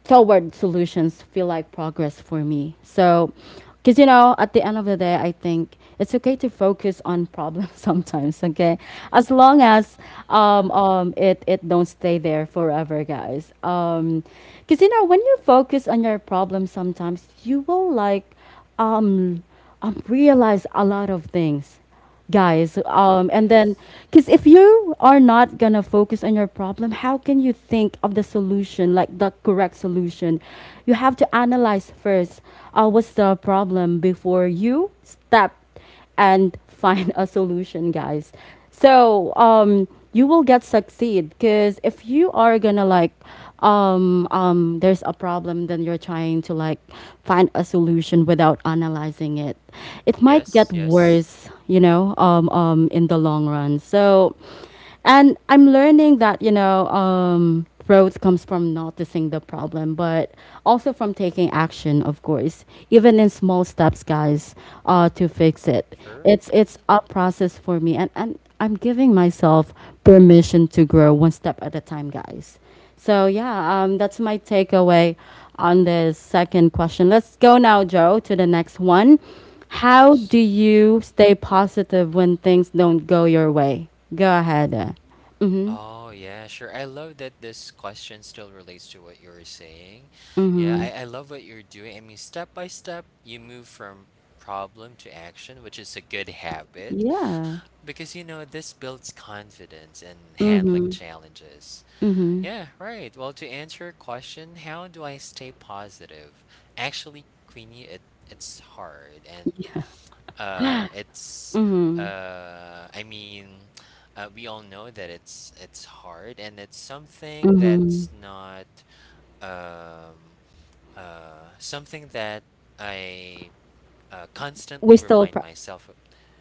[SPEAKER 1] toward solutions feel like progress for me. So, because, you know, at the end of the day, I think it's okay to focus on problems sometimes. Okay,
[SPEAKER 2] right,
[SPEAKER 1] as long as
[SPEAKER 2] sure,
[SPEAKER 1] it don't stay there forever, guys. Because, you know, when you focus on your problem, sometimes you will like um, realize a lot of things, guys,
[SPEAKER 2] yes,
[SPEAKER 1] and then, because if you are not gonna focus on your problem, how can you think of the solution, like the correct solution? You have to analyze first, what's the problem before you step and find a solution, guys. So you will get succeed, because if you are gonna like there's a problem, then you're trying to like find a solution without analyzing it, it might
[SPEAKER 2] yes,
[SPEAKER 1] get
[SPEAKER 2] yes,
[SPEAKER 1] worse, you know, in the long run. So, and I'm learning that, you know, growth comes from noticing the problem but also from taking action, of course, even in small steps, guys, to fix it.
[SPEAKER 2] sure,
[SPEAKER 1] It's a process for me, and I'm giving myself permission to grow one step at a time, guys. So yeah, that's my takeaway on the second question. Let's go now, Joe, to the next one.
[SPEAKER 2] of
[SPEAKER 1] How
[SPEAKER 2] course.
[SPEAKER 1] do you stay positive when things don't go your way? Go ahead. Mm-hmm.
[SPEAKER 2] Oh, yeah, sure. I love that this question still relates to what you're saying. Yeah,
[SPEAKER 1] Mm-hmm.
[SPEAKER 2] I love what you're doing. I mean, step by step, you move from problem to action, which is a good habit
[SPEAKER 1] Yeah.
[SPEAKER 2] because, you know, this builds confidence in handling challenges. Yeah, right. Well, to answer your question, how do I stay positive? Actually, Queenie, it's hard and it's I mean, we all know that it's hard and it's something that's not um something that I
[SPEAKER 1] We
[SPEAKER 2] constantly
[SPEAKER 1] still
[SPEAKER 2] remind
[SPEAKER 1] pra-
[SPEAKER 2] myself of.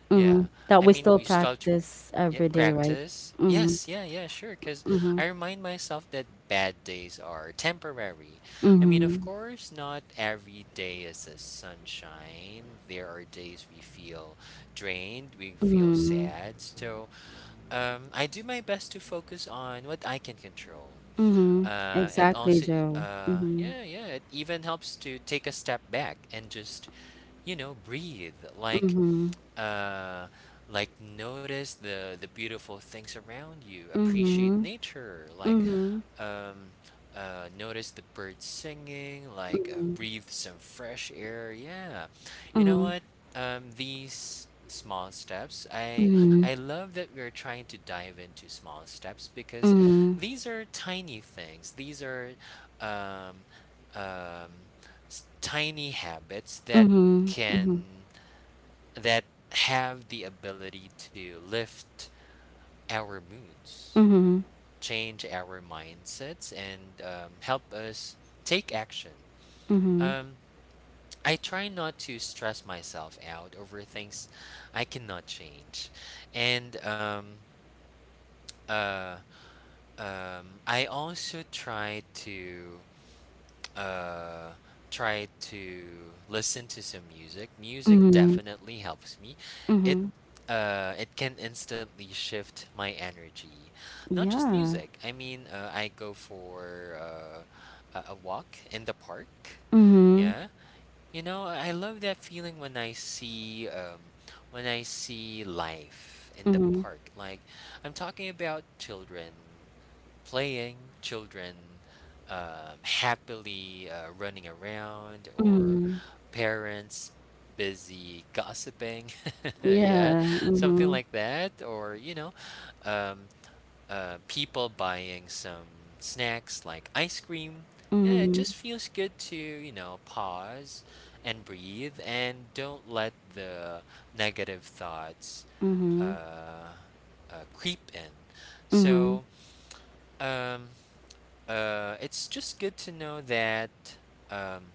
[SPEAKER 1] mm-hmm.
[SPEAKER 2] Yeah.
[SPEAKER 1] That
[SPEAKER 2] I
[SPEAKER 1] we
[SPEAKER 2] mean,
[SPEAKER 1] still
[SPEAKER 2] we've struggled,
[SPEAKER 1] practice
[SPEAKER 2] yeah,
[SPEAKER 1] every day, right?
[SPEAKER 2] practice.
[SPEAKER 1] Mm-hmm.
[SPEAKER 2] Yes, yeah, yeah, sure. Because I remind myself that bad days are temporary. I mean, of course, not every day is a sunshine. There are days we feel drained, we feel sad. So, I do my best to focus on what I can control.
[SPEAKER 1] Mm-hmm.
[SPEAKER 2] Uh, it
[SPEAKER 1] Exactly,
[SPEAKER 2] also,
[SPEAKER 1] Joe. Mm-hmm.
[SPEAKER 2] yeah, yeah, it even helps to take a step back and just, you know, breathe. Uh like notice the beautiful things around you, appreciate nature, like
[SPEAKER 1] Mm-hmm.
[SPEAKER 2] um notice the birds singing, like breathe some fresh air. Yeah, you know what, these small steps, I love that we're trying to dive into small steps because
[SPEAKER 1] Mm-hmm.
[SPEAKER 2] these are tiny things, these are um um tiny habits that
[SPEAKER 1] Mm-hmm.
[SPEAKER 2] can
[SPEAKER 1] Mm-hmm.
[SPEAKER 2] that have the ability to lift our moods,
[SPEAKER 1] Mm-hmm.
[SPEAKER 2] change our mindsets, and help us take action. Um, I try not to stress myself out over things I cannot change, and uh, I also try to uh try to listen to some music. Music
[SPEAKER 1] Mm-hmm.
[SPEAKER 2] definitely helps me. It
[SPEAKER 1] Mhm.
[SPEAKER 2] it can instantly shift my energy. Not just
[SPEAKER 1] Yeah.
[SPEAKER 2] music. I mean, I go for a walk in the park.
[SPEAKER 1] Mhm.
[SPEAKER 2] Yeah. You know, I love that feeling when I see life in the
[SPEAKER 1] Mhm.
[SPEAKER 2] park. Like, I'm talking about children playing, children happily running around, or parents busy gossiping, yeah,
[SPEAKER 1] Yeah.
[SPEAKER 2] something
[SPEAKER 1] Mhm.
[SPEAKER 2] like that, or you know, um, people buying some snacks like ice cream. Yeah, it just feels good to, you know, pause and breathe and don't let the negative thoughts uh,
[SPEAKER 1] Mhm.
[SPEAKER 2] creep in.
[SPEAKER 1] Mhm.
[SPEAKER 2] So, um, it's just good to know that um,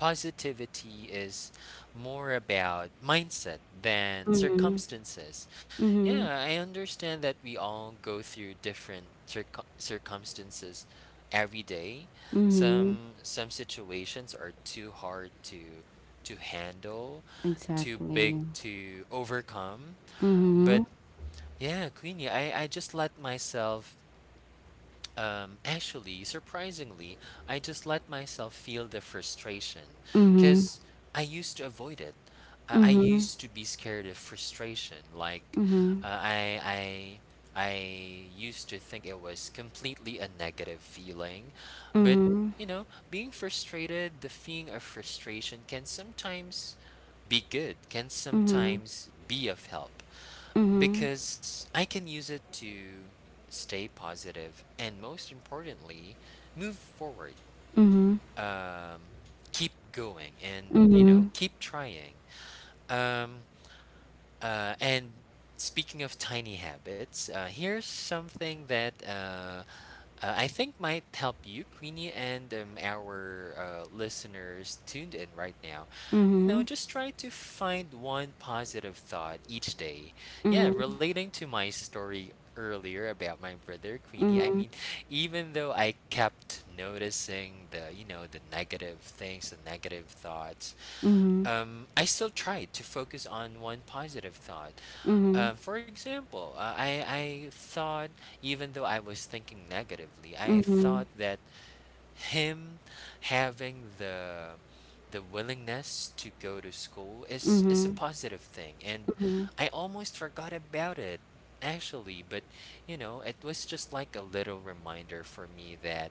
[SPEAKER 2] positivity is more about mindset than circumstances.
[SPEAKER 1] Mhm.
[SPEAKER 2] Yeah, I understand that we all go through different circumstances every day.
[SPEAKER 1] Mhm.
[SPEAKER 2] Some situations are too hard to handle, too big
[SPEAKER 1] Exactly.
[SPEAKER 2] to overcome. But
[SPEAKER 1] Mhm.
[SPEAKER 2] yeah, Queenie, I just let myself, actually, surprisingly, I just let myself feel the frustration because
[SPEAKER 1] Mhm.
[SPEAKER 2] I used to avoid it. I used
[SPEAKER 1] Mhm.
[SPEAKER 2] to be scared of frustration. Like, uh, I, I used to think it was completely a negative feeling, but
[SPEAKER 1] Mhm.
[SPEAKER 2] you know, being frustrated, the feeling of frustration can sometimes be good, can
[SPEAKER 1] Mhm.
[SPEAKER 2] sometimes be of help
[SPEAKER 1] Mhm.
[SPEAKER 2] because I can use it to stay positive and, most importantly, move forward.
[SPEAKER 1] Mhm.
[SPEAKER 2] Um, keep going and, you know,
[SPEAKER 1] Mhm.
[SPEAKER 2] keep trying. Um, and speaking of tiny habits, here's something that I think might help you, Queenie, and our listeners tuned in right now. You know,
[SPEAKER 1] Mhm.
[SPEAKER 2] just try to find one positive thought each day. Yeah, relating to my story earlier about my brother, Queenie, I
[SPEAKER 1] Mhm.
[SPEAKER 2] mean, even though I kept noticing the, you know, the negative things, the negative thoughts,
[SPEAKER 1] Mhm.
[SPEAKER 2] I still tried to focus on one positive thought.
[SPEAKER 1] Mhm.
[SPEAKER 2] For example, I thought, even though I was thinking negatively, I
[SPEAKER 1] Mhm.
[SPEAKER 2] thought that him having the willingness to go to school is a positive thing, and
[SPEAKER 1] Mhm.
[SPEAKER 2] I almost forgot about it actually. But you know, it was just like a little reminder for me that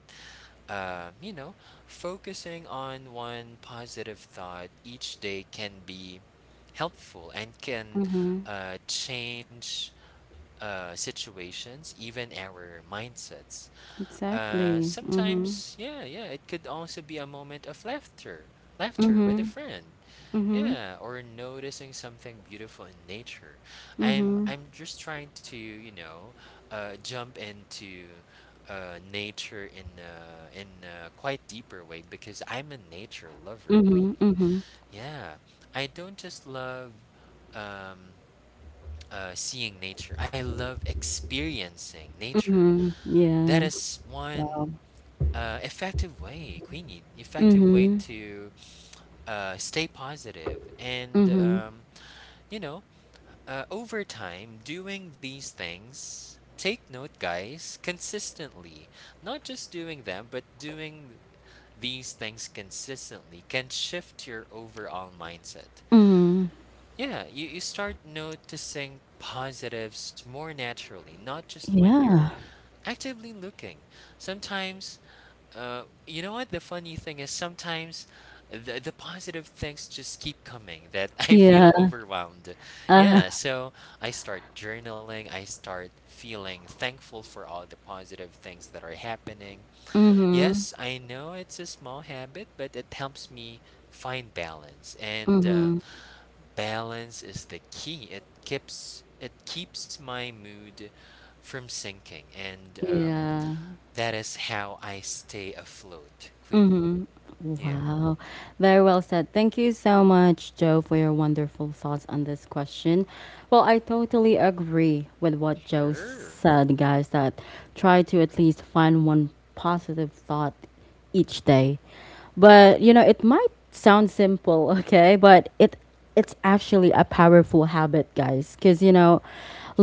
[SPEAKER 2] you know, focusing on one positive thought each day can be helpful and can
[SPEAKER 1] Mhm.
[SPEAKER 2] change situations, even our mindsets.
[SPEAKER 1] Exactly. Mhm.
[SPEAKER 2] Sometimes, yeah, yeah, it could also be a moment of laughter, laughter with a
[SPEAKER 1] Mhm.
[SPEAKER 2] friend,
[SPEAKER 1] Mhm.
[SPEAKER 2] yeah, or noticing something beautiful in nature.
[SPEAKER 1] Mhm.
[SPEAKER 2] I'm just trying to, you know, jump into nature in a quite deeper way because I'm a nature lover,
[SPEAKER 1] Mhm.
[SPEAKER 2] Queenie.
[SPEAKER 1] Mhm.
[SPEAKER 2] Yeah, I don't just love. Um, Seeing nature, I love experiencing nature.
[SPEAKER 1] Mhm.
[SPEAKER 2] That
[SPEAKER 1] Yeah.
[SPEAKER 2] is one effective way, Queenie, effective way
[SPEAKER 1] Mhm.
[SPEAKER 2] stay positive. And,
[SPEAKER 1] Mhm.
[SPEAKER 2] you know, over time, doing these things, take note, guys, consistently, not just doing them, but doing these things consistently can shift your overall mindset.
[SPEAKER 1] Mhm.
[SPEAKER 2] Yeah, you start noticing positives more naturally, not just when you're
[SPEAKER 1] Yeah.
[SPEAKER 2] actively looking. Sometimes, you know what? The funny thing is sometimes the positive things just keep coming that I feel
[SPEAKER 1] Yeah,
[SPEAKER 2] overwhelmed. Yeah, so I start journaling. I start feeling thankful for all the positive things that are happening. Yes, I know it's a small habit, but it helps me find balance. And balance is the key. It keeps my mood from sinking, and
[SPEAKER 1] yeah.
[SPEAKER 2] that is how I stay afloat, Queenie. Yeah.
[SPEAKER 1] Wow. Very well said. Thank you so much, Joe, for your wonderful thoughts on this question. Well, I totally agree with what Joe
[SPEAKER 2] Sure.
[SPEAKER 1] said, guys, that try to at least find one positive thought each day. But, you know, it might sound simple, okay? But it's actually a powerful habit, guys, because, you know,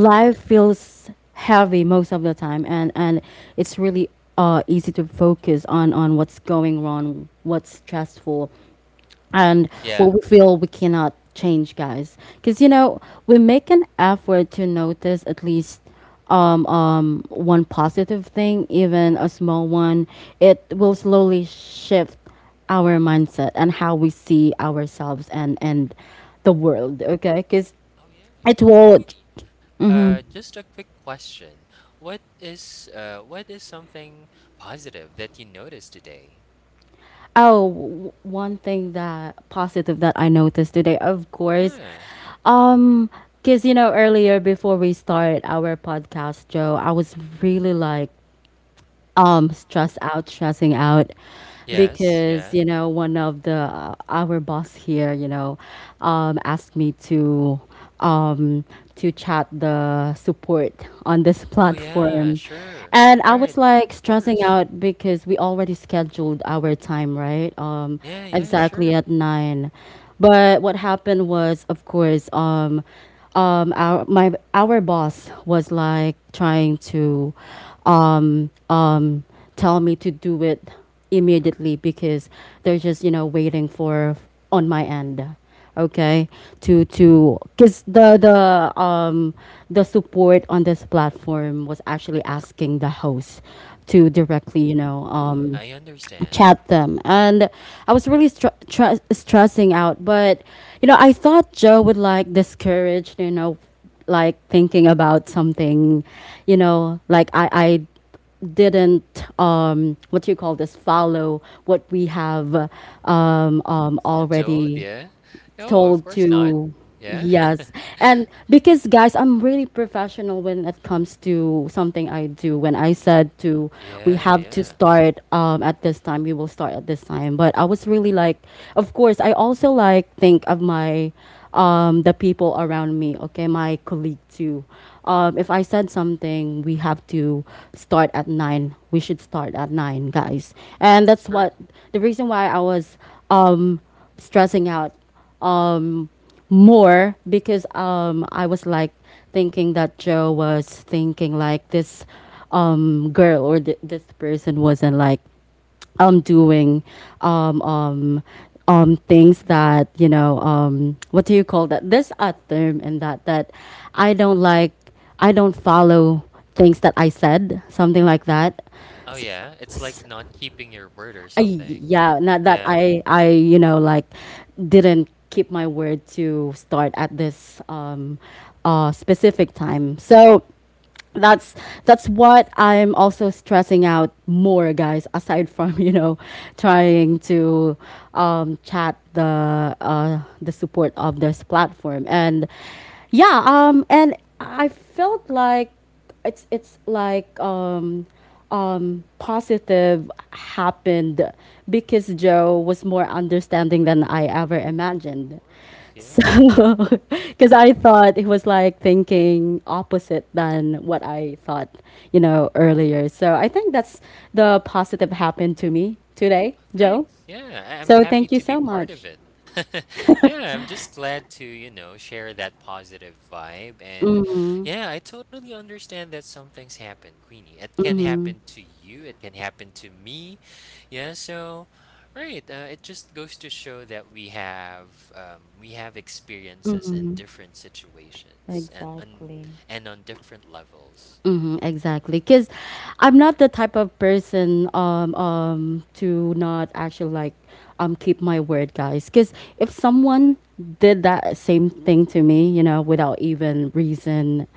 [SPEAKER 2] Sure.
[SPEAKER 1] feels heavy most of the time, and it's really easy to focus on what's going wrong, what's stressful, and
[SPEAKER 2] Yeah.
[SPEAKER 1] what we feel we cannot change, guys. Because, you know, we make an effort to notice at least one positive thing, even a small one. It will slowly shift our mindset and how we see ourselves and the world. Okay, because
[SPEAKER 2] Oh, yeah.
[SPEAKER 1] it
[SPEAKER 2] Okay.
[SPEAKER 1] will—
[SPEAKER 2] Just a quick question. What is something positive that you noticed today?
[SPEAKER 1] Oh, one thing that positive that I noticed today, of course,
[SPEAKER 2] Yeah.
[SPEAKER 1] um, because, you know, earlier before we start our podcast, Joe, I was really like stressing out
[SPEAKER 2] Yes.
[SPEAKER 1] because,
[SPEAKER 2] Yeah.
[SPEAKER 1] you know, one of the, our boss here, you know, asked me um to chat the support on this
[SPEAKER 2] Oh, yeah.
[SPEAKER 1] platform,
[SPEAKER 2] Sure.
[SPEAKER 1] and I
[SPEAKER 2] Right.
[SPEAKER 1] was like
[SPEAKER 2] Of
[SPEAKER 1] stressing
[SPEAKER 2] course.
[SPEAKER 1] out because we already scheduled our time right,
[SPEAKER 2] Yeah. Yeah. Sure.
[SPEAKER 1] exactly at 9. But what happened was, of course, our boss was like trying to um, um, tell me to do it immediately because they're just, you know, waiting for on my end, okay, to, because the support on this platform was actually asking the host to directly, you know,
[SPEAKER 2] I understand.
[SPEAKER 1] chat them. And I was really stressing out, but you know, I thought Joe would like discourage, you know, like thinking about something, you know, like I didn't what do you call this, follow what we have
[SPEAKER 2] Gets old.
[SPEAKER 1] already
[SPEAKER 2] Yeah. No. Of
[SPEAKER 1] told
[SPEAKER 2] course not.
[SPEAKER 1] to.
[SPEAKER 2] Yeah.
[SPEAKER 1] Yes. And because, guys, I'm really professional when it comes to something I do. When I said to, we
[SPEAKER 2] Yeah.
[SPEAKER 1] have to
[SPEAKER 2] Yeah.
[SPEAKER 1] start at this time, we will start at this time. But I was really like, of course, I also like think of my, the people around me, okay, my colleague too. If I said something, we have to start at 9, we should start at 9, guys, and that's
[SPEAKER 2] Sure.
[SPEAKER 1] what the reason why I was um, stressing out um, more, because I was like thinking that Joe was thinking like, this girl or this person wasn't like doing um, um, things that, you know, what do you call that? There's a term in that that I don't like. I don't follow things that I said, something like that.
[SPEAKER 2] Oh, yeah. It's like not keeping your word or
[SPEAKER 1] I,
[SPEAKER 2] something.
[SPEAKER 1] yeah, not that
[SPEAKER 2] Yeah.
[SPEAKER 1] I you know like didn't keep my word to start at this, specific time. So that's what I'm also stressing out more, guys. Aside from trying to chat the support of this platform. And yeah, and I felt like it's like positive happened because Joe was more understanding than I ever imagined.
[SPEAKER 2] course,
[SPEAKER 1] So
[SPEAKER 2] yeah.
[SPEAKER 1] because I thought he was like thinking opposite than what I thought, you know, earlier. So I think that's the positive happened to me today, Joe.
[SPEAKER 2] Thanks. Yeah, I'm
[SPEAKER 1] So
[SPEAKER 2] happy
[SPEAKER 1] thank you
[SPEAKER 2] to be
[SPEAKER 1] so
[SPEAKER 2] part of
[SPEAKER 1] much.
[SPEAKER 2] it. Yeah, I'm just glad to, you know, share that positive vibe. And yeah, I totally understand that some things happen, Queenie. It can happen to you, it can happen to me. Yeah, so right, it just goes to show that we have, we have experiences in different situations
[SPEAKER 1] Exactly.
[SPEAKER 2] and on different levels.
[SPEAKER 1] Mm-hmm, exactly. Because I'm not the type of person to not actually like keep my word, guys. Because if someone did that same thing to me, you know, without even reason,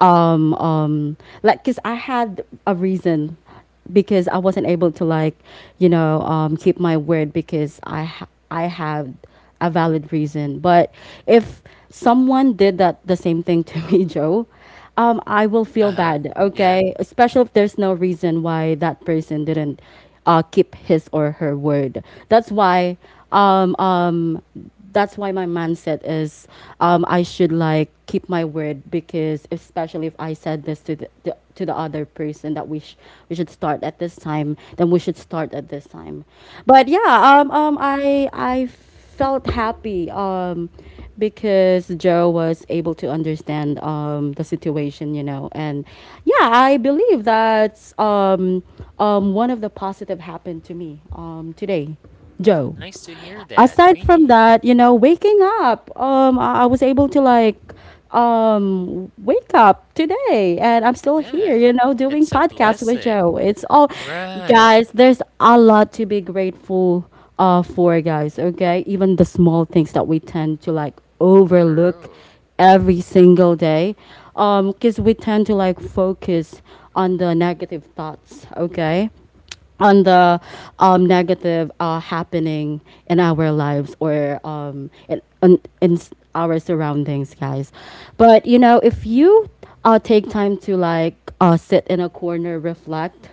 [SPEAKER 1] um, um, like, because I had a reason, because I wasn't able to like, you know, keep my word because I had a valid reason. But if someone did that the same thing to me, Joe, I will feel
[SPEAKER 2] Uh-huh.
[SPEAKER 1] bad.
[SPEAKER 2] Yeah.
[SPEAKER 1] Okay, especially if there's no reason why that person didn't keep his or her word. That's why um, um, that's why my mindset is, I should like keep my word, because especially if I said this to the other person that we should start at this time, then we should start at this time. But yeah, I felt happy because Joe was able to understand the situation, you know. And yeah, I believe that's one of the positive happened to me today,
[SPEAKER 2] So
[SPEAKER 1] Joe.
[SPEAKER 2] nice to hear that,
[SPEAKER 1] Aside from
[SPEAKER 2] Queenie.
[SPEAKER 1] that, you know, waking up, I was able to like wake up today, and I'm still here,
[SPEAKER 2] Yeah,
[SPEAKER 1] you know, doing
[SPEAKER 2] it's a
[SPEAKER 1] podcast with Joe.
[SPEAKER 2] blessing.
[SPEAKER 1] It's all,
[SPEAKER 2] Right,
[SPEAKER 1] guys, there's a lot to be grateful for, guys, okay? Even the small things that we tend to like overlook
[SPEAKER 2] true.
[SPEAKER 1] every single day. Because we tend to like focus on the negative thoughts, okay? On the negative happening in our lives, or our surroundings, guys. But you know, if you take time to like sit in a corner, reflect,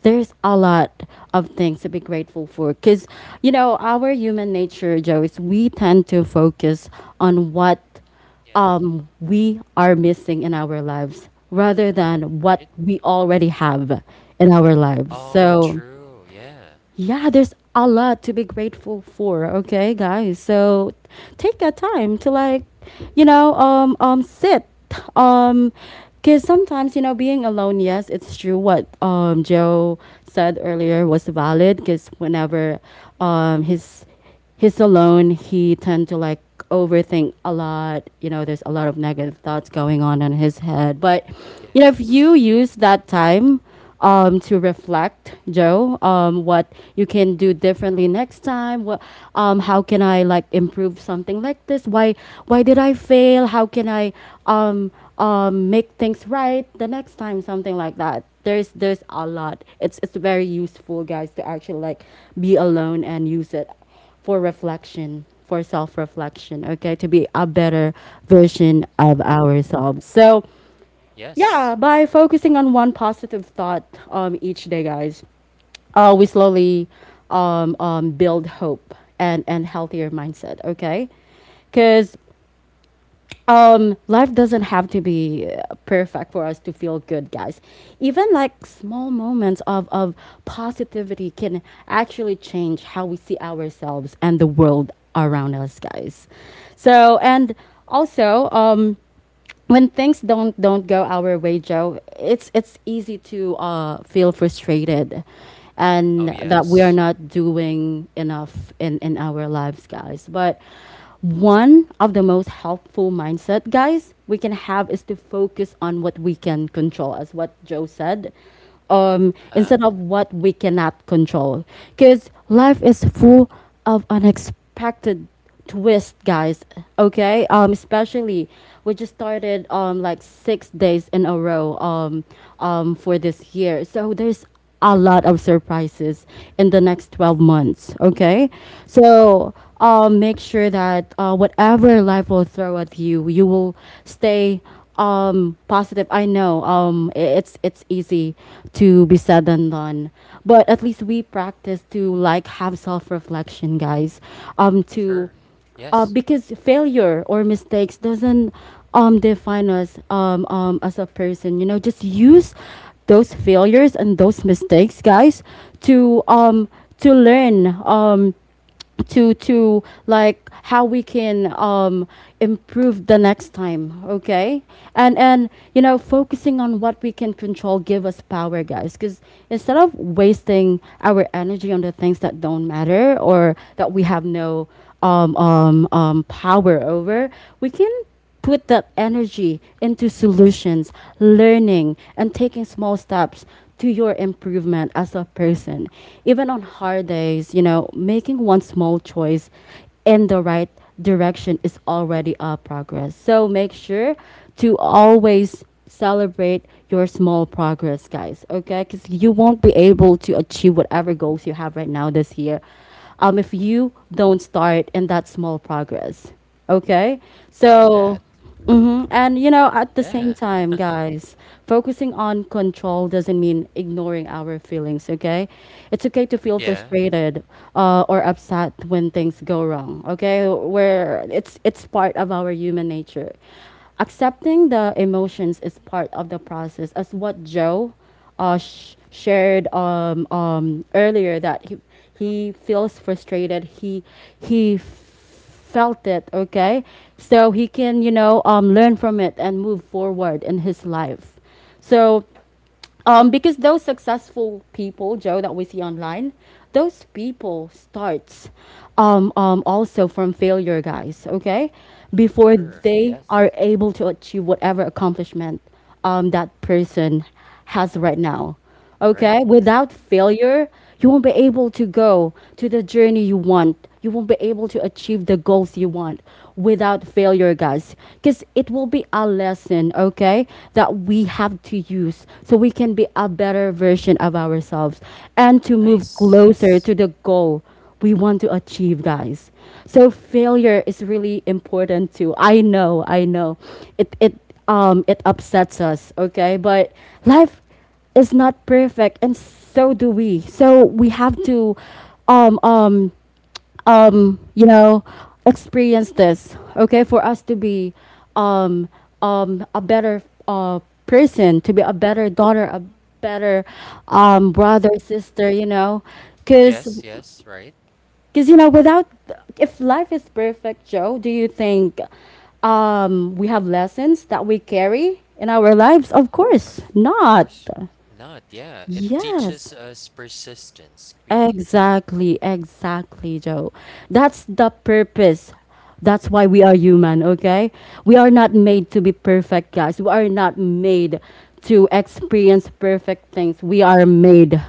[SPEAKER 1] there's a lot of things to be grateful for. Because you know, our human nature, Joe, is we tend to focus on what
[SPEAKER 2] Yes.
[SPEAKER 1] we are missing in our lives rather
[SPEAKER 2] Uh-huh,
[SPEAKER 1] than
[SPEAKER 2] right?
[SPEAKER 1] what we already have in our lives.
[SPEAKER 2] Oh,
[SPEAKER 1] So
[SPEAKER 2] true, yeah.
[SPEAKER 1] yeah, there's a lot to be grateful for, okay, guys. So take that time to like, you know, sit um cuz sometimes, you know, being alone, yes, it's true what Joe said earlier was valid, cuz whenever his he's alone, he tend to like overthink a lot. You know, there's a lot of negative
[SPEAKER 2] True,
[SPEAKER 1] thoughts going on in his head. But you know, if
[SPEAKER 2] yes.
[SPEAKER 1] you use that time to reflect, Joe, what you can do differently next time. What, how can I like improve something like this? Why did I fail? How can I um, make things right the next time? Something like that. There's a lot. It's very useful, guys, to actually like be alone and use it for reflection, for self reflection, okay, to be a better version of ourselves. So
[SPEAKER 2] Yes.
[SPEAKER 1] yeah, by focusing on one positive thought each day, guys, we slowly build hope and healthier mindset, okay? Because life doesn't have to be perfect for us to feel good, guys. Even like small moments of positivity can actually change how we see ourselves and the world around us, guys. So and also when things don't go our way, Joe, it's easy to feel frustrated,
[SPEAKER 2] Oh,
[SPEAKER 1] and that we are
[SPEAKER 2] yes.
[SPEAKER 1] not doing enough in our lives, guys. But one of the most helpful mindset, guys, we can have is to focus on what we can control, as what Joe said, instead
[SPEAKER 2] Huh?
[SPEAKER 1] of what we cannot control. Because life is full of unexpected twist, guys, okay? Especially we just started like 6 days in a row, for this year. So there's a lot of surprises in the next 12 months, okay? So make sure that whatever life will throw at you, you will stay positive. I know it's easy to be said and done, but at least we practice to like have self-reflection, guys, to
[SPEAKER 2] Sure. Yes.
[SPEAKER 1] because failure or mistakes doesn't define us as a person. You know, just use those failures and those mistakes, guys, to um to learn, to like how we can improve the next time, okay. And you know, focusing on what we can control give us power, guys. Because instead of wasting our energy on the things that don't matter, or that we have no power over, we can put that energy into solutions, learning, and taking small steps to your improvement as a person. Even on
[SPEAKER 2] Right.
[SPEAKER 1] hard days, you know, making one small choice in the right direction is already a progress. So make sure to always celebrate your small progress, guys, okay? Because you won't be able to achieve whatever goals you have right now this year if you don't start in that small progress. Okay.
[SPEAKER 2] Love
[SPEAKER 1] So
[SPEAKER 2] that.
[SPEAKER 1] mhm, and you know, at the same
[SPEAKER 2] Yeah.
[SPEAKER 1] time, guys, focusing on control doesn't mean ignoring our feelings, okay? It's okay to feel
[SPEAKER 2] Yeah.
[SPEAKER 1] frustrated or upset when things go wrong, okay? Where it's part of our human nature. Accepting the emotions is part of the process, as what Joe shared earlier that he feels frustrated. He felt it, okay? So he can, you know, learn from it and move forward in his life. So because those successful people, Joe, that we see online, those people starts also from failure, guys, okay? Before
[SPEAKER 2] Sure.
[SPEAKER 1] they
[SPEAKER 2] Yes.
[SPEAKER 1] are able to achieve whatever accomplishment that person has
[SPEAKER 2] Uh-huh.
[SPEAKER 1] right now. Okay?
[SPEAKER 2] Right.
[SPEAKER 1] Without failure, you won't be able to go to the journey you want. You won't be able to achieve the goals you want without failure, guys. Because it will be a lesson, okay, that we have to use so we can be a better version of ourselves and to move
[SPEAKER 2] Nice.
[SPEAKER 1] closer
[SPEAKER 2] Yes.
[SPEAKER 1] to the goal we want to achieve, guys. So failure is really important too. I know, I know. It it upsets us, okay? But life is not perfect, and so do we. So we have to um um you know, experience this, okay, for us to be um a better uh person, to be a better daughter, a better brother, sister, you know. because
[SPEAKER 2] Yes, yes, right.
[SPEAKER 1] because you know, without, if life is perfect, Joe, do you think we have lessons that we carry in our lives? Of course
[SPEAKER 2] Of
[SPEAKER 1] not.
[SPEAKER 2] course not. Yeah. It teaches
[SPEAKER 1] Yes.
[SPEAKER 2] us persistence, Queenie.
[SPEAKER 1] Exactly, exactly, Joe. That's the purpose. That's why we are human, okay? We are not made to be perfect, guys. We are not made to experience perfect things. We are made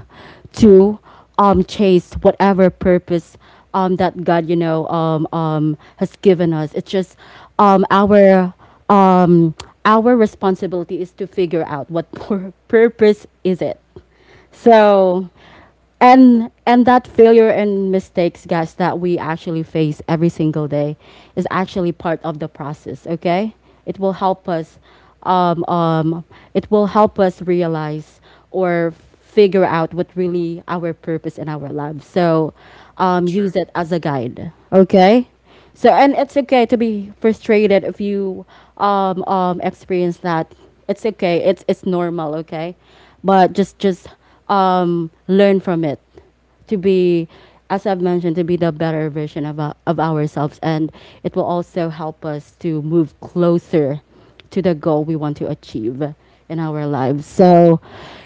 [SPEAKER 1] to chase whatever purpose that God, you know, has given us. It's just um our um our responsibility is to figure out what purpose is it.
[SPEAKER 2] Sure.
[SPEAKER 1] So, and that failure and mistakes, guys, that we actually face every single day is actually part of the process, okay. It will help us um, um, it will help us realize or figure out what really our purpose in our life. So use
[SPEAKER 2] True.
[SPEAKER 1] it as a guide, okay. So and it's okay to be frustrated if you experience that. It's okay. It's normal, okay? But just learn from it to be, as I've mentioned, to be the better version of of ourselves. And it will also help us to move closer to the goal we want to achieve in our lives. So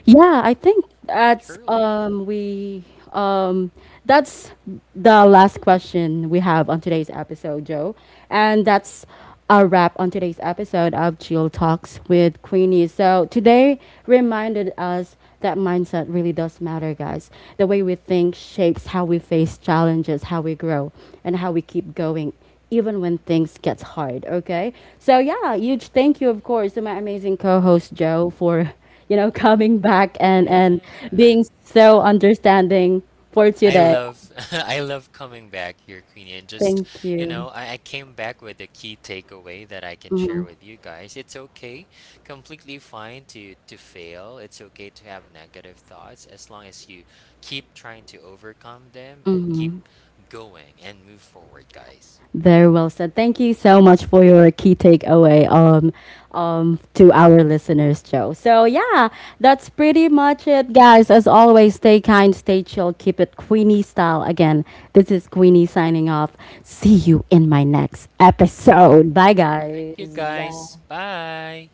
[SPEAKER 1] yeah, I think that's
[SPEAKER 2] Truly.
[SPEAKER 1] we um that's the last question we have on today's episode, Joe, and that's a wrap on today's episode of Chill Talks with Queenie. So today reminded us that mindset really does matter, guys. The way we think shapes how we face challenges, how we grow, and how we keep going even when things gets hard, okay. So yeah, huge thank you, of course, to my amazing co-host Joe for, you know, coming back and being so understanding for
[SPEAKER 2] I
[SPEAKER 1] today.
[SPEAKER 2] love I love coming back here, Queenie, and just
[SPEAKER 1] Thank
[SPEAKER 2] you
[SPEAKER 1] you.
[SPEAKER 2] know, I came back with a key takeaway that I can share with you guys. It's okay, completely fine to fail. It's okay to have negative thoughts as long as you keep trying to overcome them and keep going and move forward, guys.
[SPEAKER 1] Very well said. Thank you so much for your key takeaway to our listeners, Joe. So yeah, that's pretty much it, guys. As always, stay kind, stay chill, keep it Queenie style. Again, this is Queenie signing off. See you in my next episode. Bye,
[SPEAKER 2] You
[SPEAKER 1] guys.
[SPEAKER 2] guys, bye.